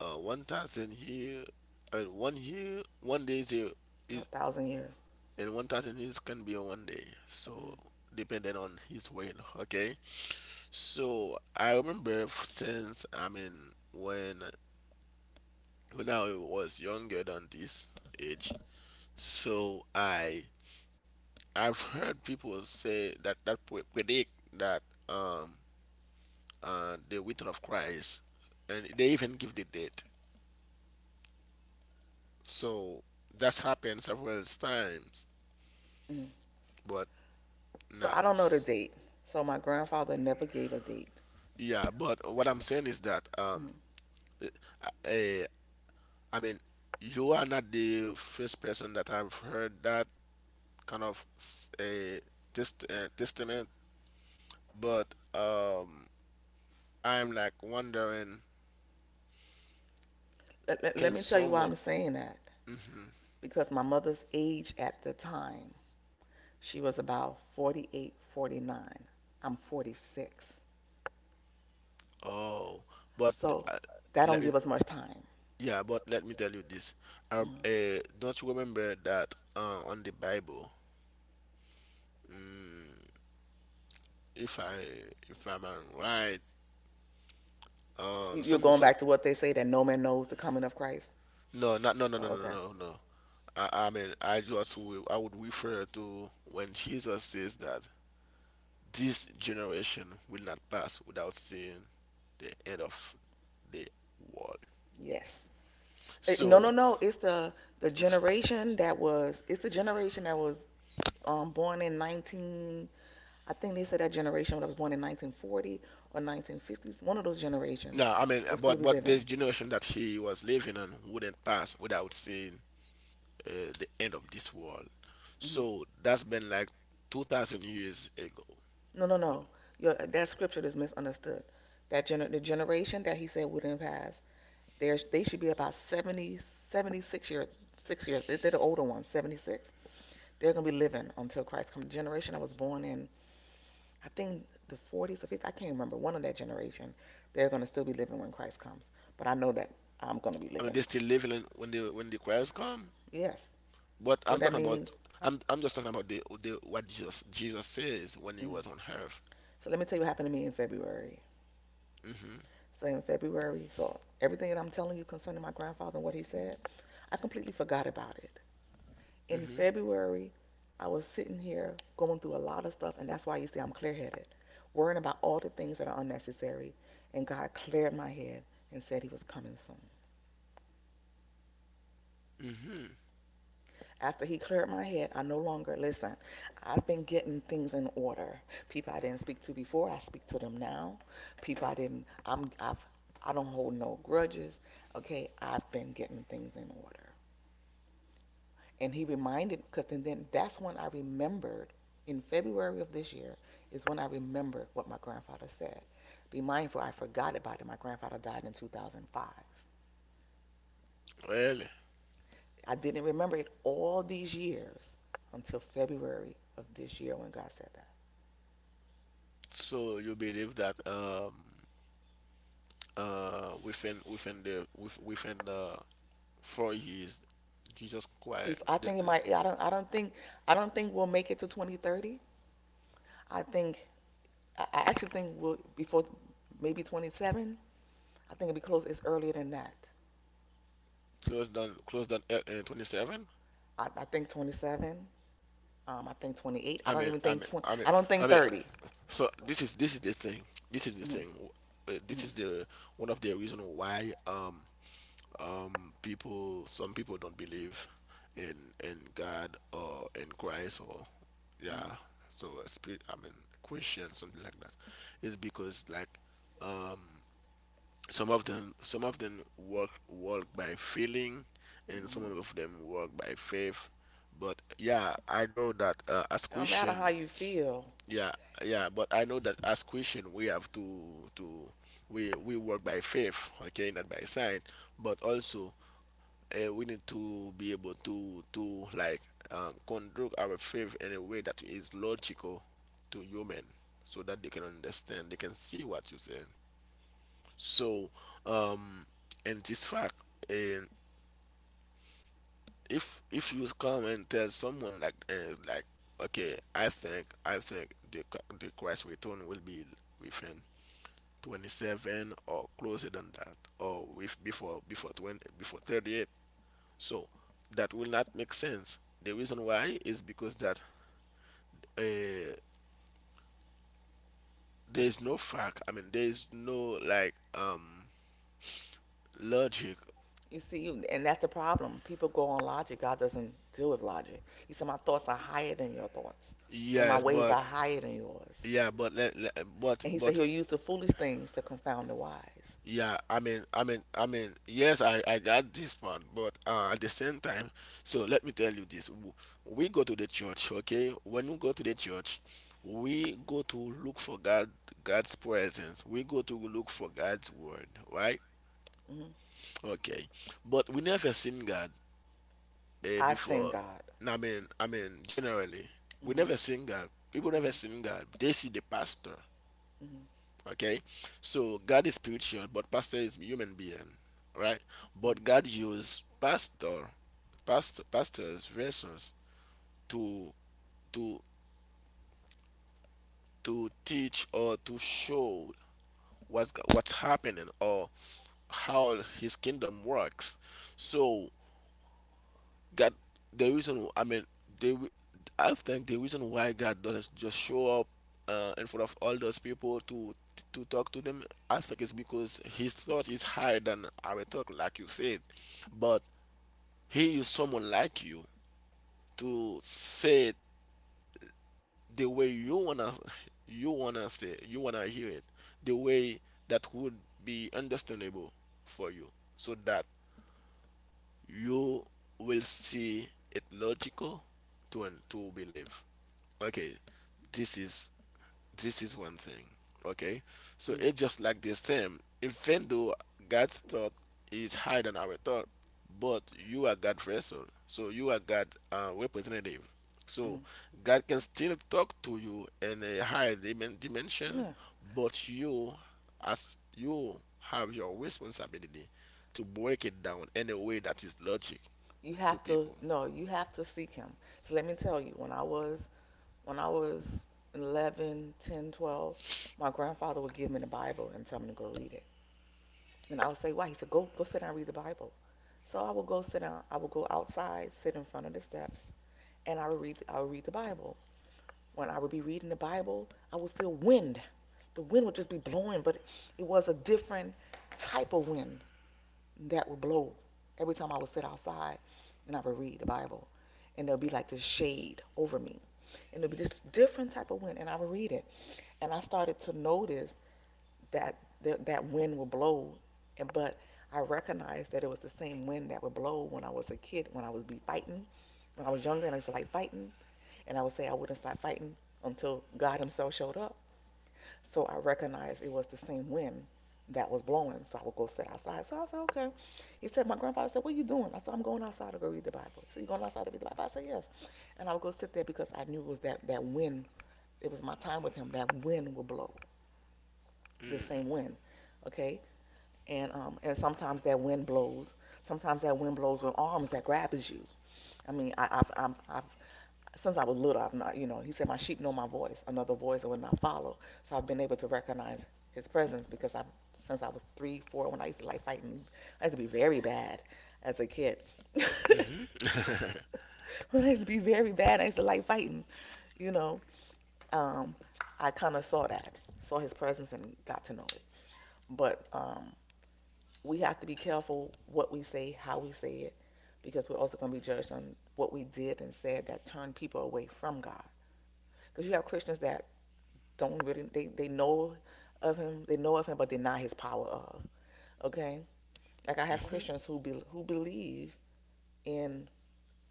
S1: 1,000 here and one here 1 day zero
S2: a
S1: is
S2: thousand years.
S1: and 1,000 years can be on 1 day, so
S2: Mm.
S1: depending on his weight, okay. So I remember since I mean when I was younger than this age, so I've heard people say that predict that um the return of Christ, and they even give the date. So that's happened several times,
S2: Mm.
S1: but
S2: So
S1: No,
S2: I don't know the
S1: s-
S2: date. So my grandfather never gave a date.
S1: yeah, but what I'm saying is that,
S2: Mm.
S1: I, eh, I mean, you are not the first person that I've heard that kind of a testament, but um, I'm like wondering,
S2: Let
S1: can
S2: me tell you why
S1: someone?
S2: I'm saying that.
S1: Mhm.
S2: Because my mother's age at the time, she was about 48, 49. I'm 46.
S1: Oh, but
S2: So
S1: uh,
S2: that don't
S1: let me.
S2: give us much time.
S1: Yeah, but let me tell you this.
S2: Mhm.
S1: Don't you remember that on the Bible? Mm, if I if I'm right,
S2: Are going
S1: some
S2: back to what they say that no man knows the coming of Christ.
S1: no, not no no
S2: Oh,
S1: no no no
S2: okay.
S1: no. no. I mean, I would refer to when Jesus says that this generation will not pass without seeing the end of the world.
S2: Yes. No, no,
S1: So
S2: no. It's the
S1: it's-
S2: generation that was. It's the generation that was born in 19. I think they said that generation that was born in 1940 or 1950s. One of those generations
S1: no, I mean,
S2: will still be
S1: but the
S2: living.
S1: generation that he was living in wouldn't pass without seeing the end of this world.
S2: Mhm.
S1: So that's been like 2,000 years ago.
S2: No, no, no. That scripture is misunderstood. The generation that he said wouldn't pass, there's they should be about 70, 76 years, 6 years. They're the older ones, 76. They're gonna be living until Christ comes. The generation I was born in, I think the 40s or 50s, I can't remember. One of that generation, they're gonna still be living when Christ comes. But I know that I'm gonna be
S1: I mean,
S2: living.
S1: they still live in when the Christ come.
S2: Yes.
S1: But
S2: So
S1: I'm
S2: that
S1: talking
S2: means.
S1: about I'm just talking about the what Jesus says when he
S2: Mm.
S1: was on earth.
S2: So let me tell you what happened to me in February.
S1: Mm-hmm.
S2: So in February, so everything that I'm telling you concerning my grandfather and what he said, I completely forgot about it. In
S1: Mm-hmm.
S2: February, I was sitting here going through a lot of stuff, and that's why you see I'm clear headed, worrying about all the things that are unnecessary. And God cleared my head and said He was coming soon.
S1: Mm-hmm.
S2: After He cleared my head, I no longer listen. I've been getting things in order. People I didn't speak to before, I speak to them now. People I didn't, I'm, I've, I don't hold no grudges. Okay, I've been getting things in order. And he reminded, because then that's when I remembered, in February of this year, is when I remembered what my grandfather said. Be mindful, I forgot about it. My grandfather died in 2005.
S1: Well,
S2: I didn't remember it all these years until February of this year when God said that.
S1: so you believe that within within the 4 years, Jesus quite
S2: I
S1: the,
S2: think it
S1: the,
S2: might. I don't. I don't think. I don't think we'll make it to 2030. I think. I actually think we'll before maybe 27. I think it'll be close. It's earlier than that.
S1: closed down, closed down, 27.
S2: I think 27. I think 28. I
S1: I
S2: don't
S1: mean
S2: even
S1: I
S2: think
S1: mean
S2: 20.
S1: I mean
S2: I don't
S1: I
S2: think
S1: mean.
S2: 30.
S1: So this is the thing. This is the
S2: Hmm.
S1: thing. This
S2: Hmm.
S1: is the one of the reason why people some people don't believe in in God or in Christ or
S2: Hmm.
S1: yeah, so a spirit I mean Christian something like that is because like um some of them work by feeling and some
S2: Hmm.
S1: of them work by faith. But yeah, I know that as
S2: It don't matter how
S1: Christian,
S2: you feel.
S1: yeah, yeah, but I know that as Christian we have to we work by faith, okay, not by sight. But also, we need to be able to like conduct our faith in a way that is logical to human so that they can understand they can see what you say. So, um and this fact, and if you come and tell someone like okay, I think the, the Christ return will be within 27, or closer than that, or with before before 20, before 38. So that will not make sense. The reason why is because that uh, there's no fact. I mean, there's no like logic.
S2: You see, and that's the problem. People go on logic. God doesn't deal with logic. He said, "My thoughts are higher than your thoughts, and my
S1: Yes,
S2: ways
S1: but
S2: are higher than yours." And He said,
S1: but
S2: He'll use the foolish things to confound the wise.
S1: yeah. Yes, I got this part, but at the same time, so let me tell you this. We go to the church, okay? When we go to the church, we go to look for God, God's presence. We go to look for God's word, right?
S2: Hmm.
S1: Okay, but we never seen God
S2: I've seen
S1: before.
S2: God.
S1: Nah, I mean, generally, we
S2: Hmm.
S1: never seen God. People never
S2: Hmm.
S1: seen God. They see the pastor.
S2: Hmm.
S1: Okay, so God is spiritual, but pastor is human being, right? But God used pastor, pastors, vessels to to teach or to show what's happening or how His kingdom works. So God, the reason I mean, they, re- I think the reason why God doesn't just show up in front of all those people to talk to them, I think it's because His thought is higher than our thought, like you said. But He used someone like you to say it the way you wanna say, you wanna hear it, the way that would be understandable for you, so that you will see it logical to believe. Okay, this is this is one thing. Okay, so
S2: Hmm. Hmm.
S1: it's just like the same. Even though God's thought is higher than our thought, but you are God vessel, so you are God representative. So
S2: Hmm.
S1: God can still talk to you in a higher dimension,
S2: Yeah.
S1: but you as you have your responsibility to break it down in a way that is logic to people.
S2: No, you have to seek Him. So let me tell you, when I was when I was 11, 10, 12, my grandfather would give me the Bible and tell me to go read it. And I would say, why? He said, go sit down and read the Bible. So I would go sit down. I would go outside, sit in front of the steps, and I would read the Bible. When I would be reading the Bible, I would feel wind. The wind would just be blowing, but it was a different type of wind that would blow every time I would sit outside and I would read the Bible. And there would be like this shade over me. And there would be this different type of wind, and I would read it. And I started to notice that that wind would blow, and but I recognized that it was the same wind that would blow when I was a kid, when I was be fighting, when I was younger, and I used to like fighting, and I would say I wouldn't stop fighting until God Himself showed up. So I recognized it was the same wind that was blowing, so I would go sit outside. So I said, okay. He said, my grandfather said, what are you doing? I said, I'm going outside to go read the Bible. So you going outside to read the Bible? I said, yes. And I would go sit there because I knew it was that wind. It was my time with Him. That wind would blow the same
S1: Mm.
S2: wind. Okay? And sometimes that wind blows. Sometimes that wind blows with arms that grabs you. I mean, I've since I was little, I've not, he said my sheep know my voice, another voice I would not follow. So I've been able to recognize his presence because I've since I was three, four, when I used to like fighting, I used to be very bad as a kid. When I used to be very bad, I used to like fighting. You know, um, I kind of saw his presence and got to know it. But We have to be careful what we say, how we say it, because we're also going to be judged on what we did and said that turned people away from God. Because you have Christians that don't really they know of him, they know of him, but deny his power of. Okay, like I have
S1: Hmm.
S2: Christians who who believe in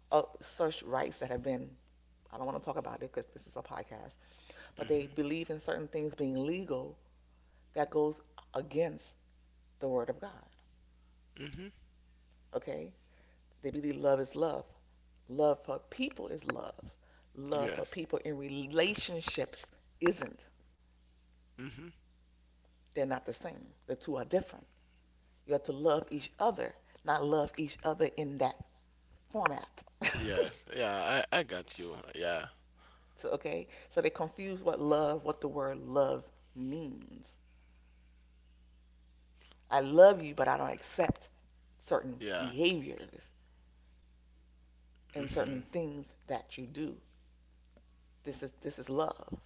S2: uh, such rights that have been. I don't want to talk about it because this is a podcast, but they
S1: Hmm.
S2: believe in certain things being legal that goes against the word of God.
S1: Hmm.
S2: Okay, they believe love is love. Love for people is love. Love for
S1: Yes.
S2: people in relationships isn't. They're not the same. The two are different. You have to love each other, not love each other in that format.
S1: Yes, yeah, I got you. Yeah,
S2: So, okay? So they confuse what love, what the word love means. I love you, but I don't accept certain
S1: yeah,
S2: behaviors and
S1: hmm,
S2: certain things that you do. This is love.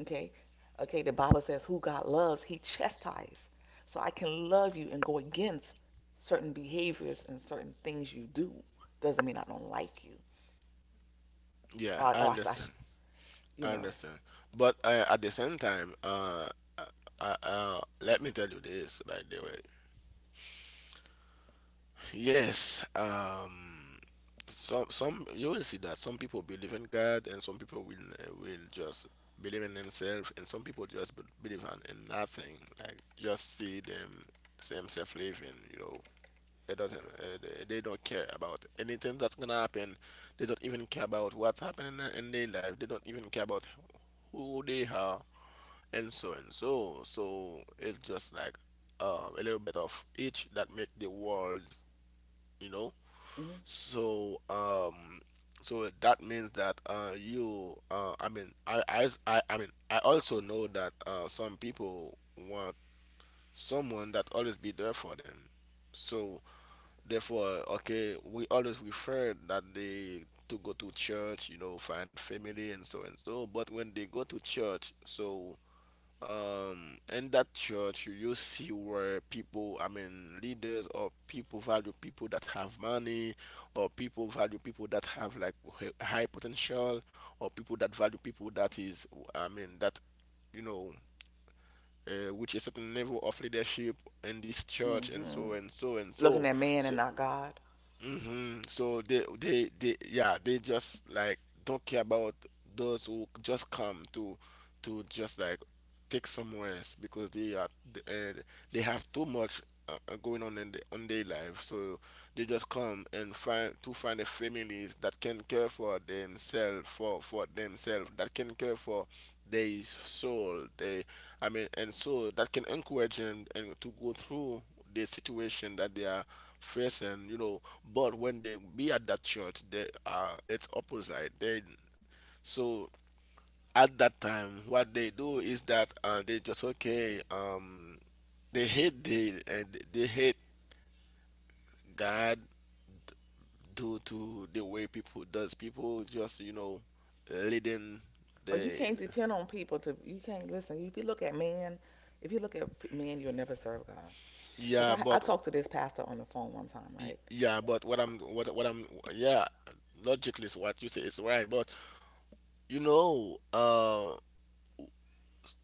S2: Okay. Okay, the Bible says who God loves, he chastises. So I can love you and go against certain behaviors and certain things you do. Doesn't mean I don't like you.
S1: yeah. I
S2: Or I,
S1: understand.
S2: you
S1: I
S2: know,
S1: understand. But at the same time, let me tell you this, by the way. Yes, some you will see that some people believe in God, and some people will just believe in themselves, and some people just believe in nothing, like just see them themselves living, you know. It doesn't. They- they don't care about anything that's gonna happen. They don't even care about what's happening in their life. They don't even care about who they are and so and so. So it's just like a little bit of each that make the world, you know.
S2: mm-hmm.
S1: So so that means that you, I mean, I mean, I also know that some people want someone that always be there for them. So therefore, okay, we always refer that they to go to church, you know, find family and so and so. But when they go to church, so in that church, you see where people, I mean, leaders or people value people that have money, or people value people that have like high potential, or people that value people that is, I mean, that you know, which is certain level of leadership in this church and
S2: Hmm.
S1: so and so and
S2: Looking
S1: so.
S2: at man and
S1: So
S2: not God.
S1: so they just like don't care about those who just come to just like take somewhere else because they are th- uh, they have too much going on in on their life, so they just come and find to find a family that can care for themselves, for themselves that can care for their soul. They, I mean, and so that can encourage them and to go through the situation that they are facing. But when they be at that church, they are, it's opposite. They, so at that time what they do is that they just okay, they hate they hate God due to the way people does. People just, leading
S2: Well, you
S1: the.
S2: can't depend on people to, you can't listen. If you look at man, if you look at man, you'll never serve God. Because
S1: Yeah
S2: I
S1: but
S2: talked to this pastor on the phone one time,
S1: y-
S2: right?
S1: yeah but what I'm yeah, logically is what you say is right, but you know,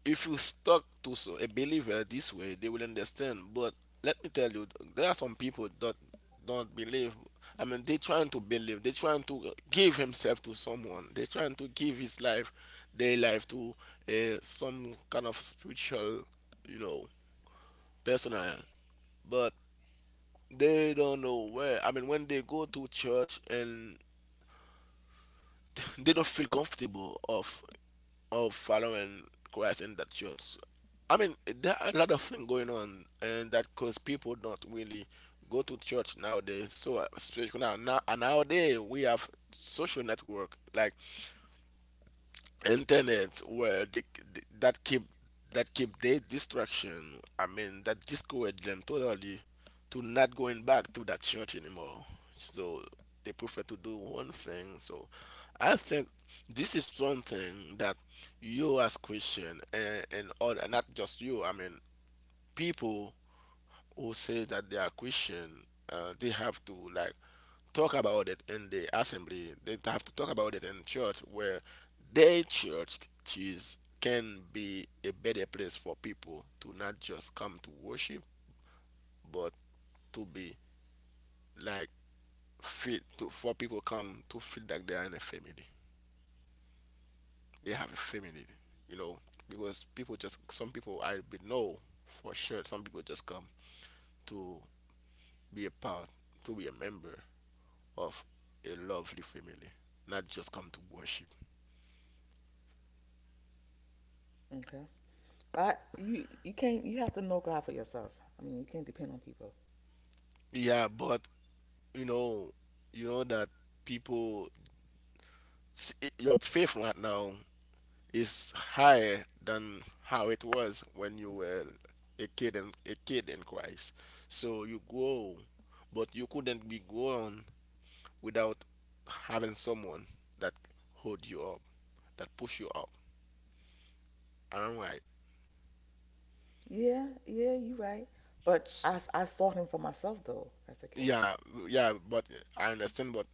S1: if you stuck to a believer this way, they will understand. But let me tell you, there are some people that don't believe. I mean, they trying to believe. They trying to give himself to someone. They trying to give his life, their life to some kind of spiritual, you know, personal. But they don't know where. I mean, when they go to church and they don't feel comfortable of following Christ in that church. I mean, there are a lot of things going on, and that cause people don't really go to church nowadays. So, especially now, nowadays we have social network like internet where that keep that keep their distraction. I mean, that discouraged them totally to not going back to that church anymore. So they prefer to do one thing. So I think this is something that you, as Christian, and other, not just you, I mean people who say that they are Christian, they have to like talk about it in the assembly. They have to talk about it in church, where their church is, can be a better place for people to not just come to worship, but to be like fit to for people come to feel like they are in a family. They have a family, you know, because people just, some people I be know for sure. Some people just come to be a part, to be a member, of a lovely family, not just come to worship.
S2: Okay. But you can't, you have to know God for yourself. I mean, you can't depend on people.
S1: Yeah, but you know, you know that people, your faith right now is higher than how it was when you were a kid, and a kid in Christ. So you grow, but you couldn't be grown without having someone that hold you up, that push you up. And I'm right.
S2: Yeah, yeah, you're right. But
S1: S-
S2: I sought him for myself though as a kid.
S1: Yeah, yeah, but I understand. But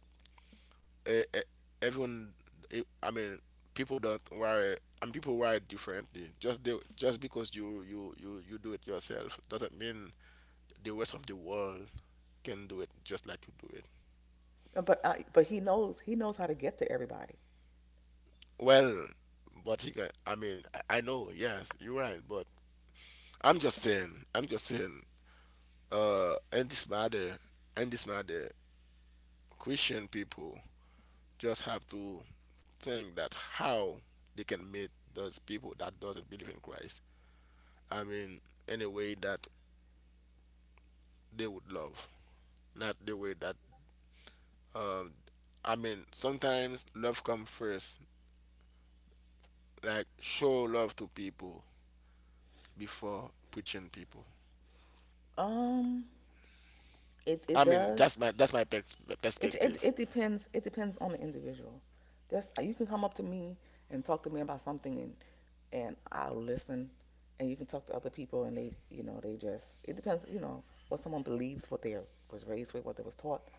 S1: eh, eh, everyone I mean, people don't worry and people worry differently. Just just because you, you do it yourself doesn't mean the rest of the world can do it just like you do it.
S2: But he knows how to get to everybody.
S1: Well, but he can, I mean, I know, yes, you're right, but I'm just saying, I'm just saying in this matter, in this matter, Christian people just have to think that how they can meet those people that doesn't believe in Christ. I mean, in a way that they would love, not the way that. Um, I mean, sometimes love comes first. Like show love to people before preaching people.
S2: Um, it
S1: I mean,
S2: does.
S1: that's my pex perspective.
S2: It depends. It depends on the individual. That's you can come up to me and talk to me about something and I'll listen. And you can talk to other people and they, you know, they just it depends, you know, what someone believes, what they was raised with, what they was taught.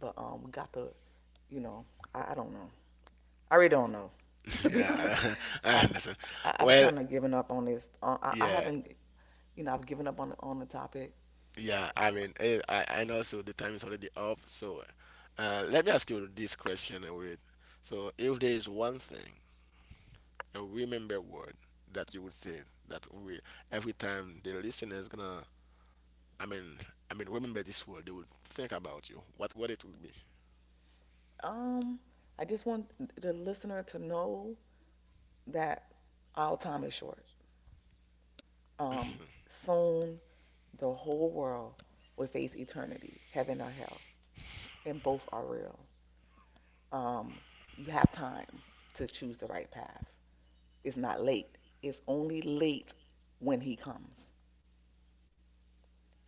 S2: But We got to, you know, I don't know. I really don't know. To be honest, with
S1: Yeah, I
S2: I've
S1: understand.
S2: I've
S1: Well,
S2: kind of given up on this. I
S1: yeah,
S2: haven't, you know, I've given up on on the topic.
S1: yeah. I mean, I know. So the time is already up. So, let me ask you this question, Reid. So, if there is one thing, a remember word, that you would say that we every time the listener is gonna, I mean I mean, remember this word, they would think about you, what it would be.
S2: Um, I just want the listener to know that our time is short. Um, Soon the whole world will face eternity, heaven or hell, and both are real. Um, you have time to choose the right path. It's not late. It's only late when he comes.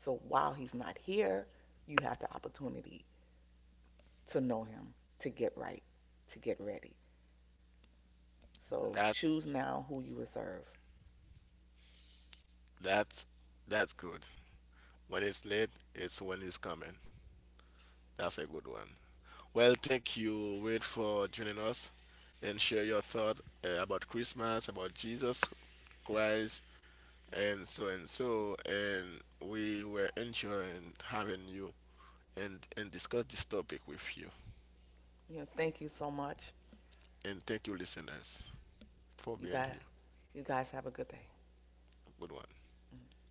S2: So while he's not here, you have the opportunity to know him, to get right, to get ready. So
S1: that's
S2: choose now who you will serve.
S1: that's that's good. When it's late, it's when it's coming. That's a good one. Well, thank you, Wade, for joining us and share your thought about Christmas, about Jesus Christ and so and so, and we were enjoying having you and discuss this topic with you.
S2: You know, thank you so much.
S1: And thank you, listeners, for
S2: You
S1: being
S2: guys,
S1: here.
S2: you guys have a good day.
S1: Good one.
S2: Mm-hmm.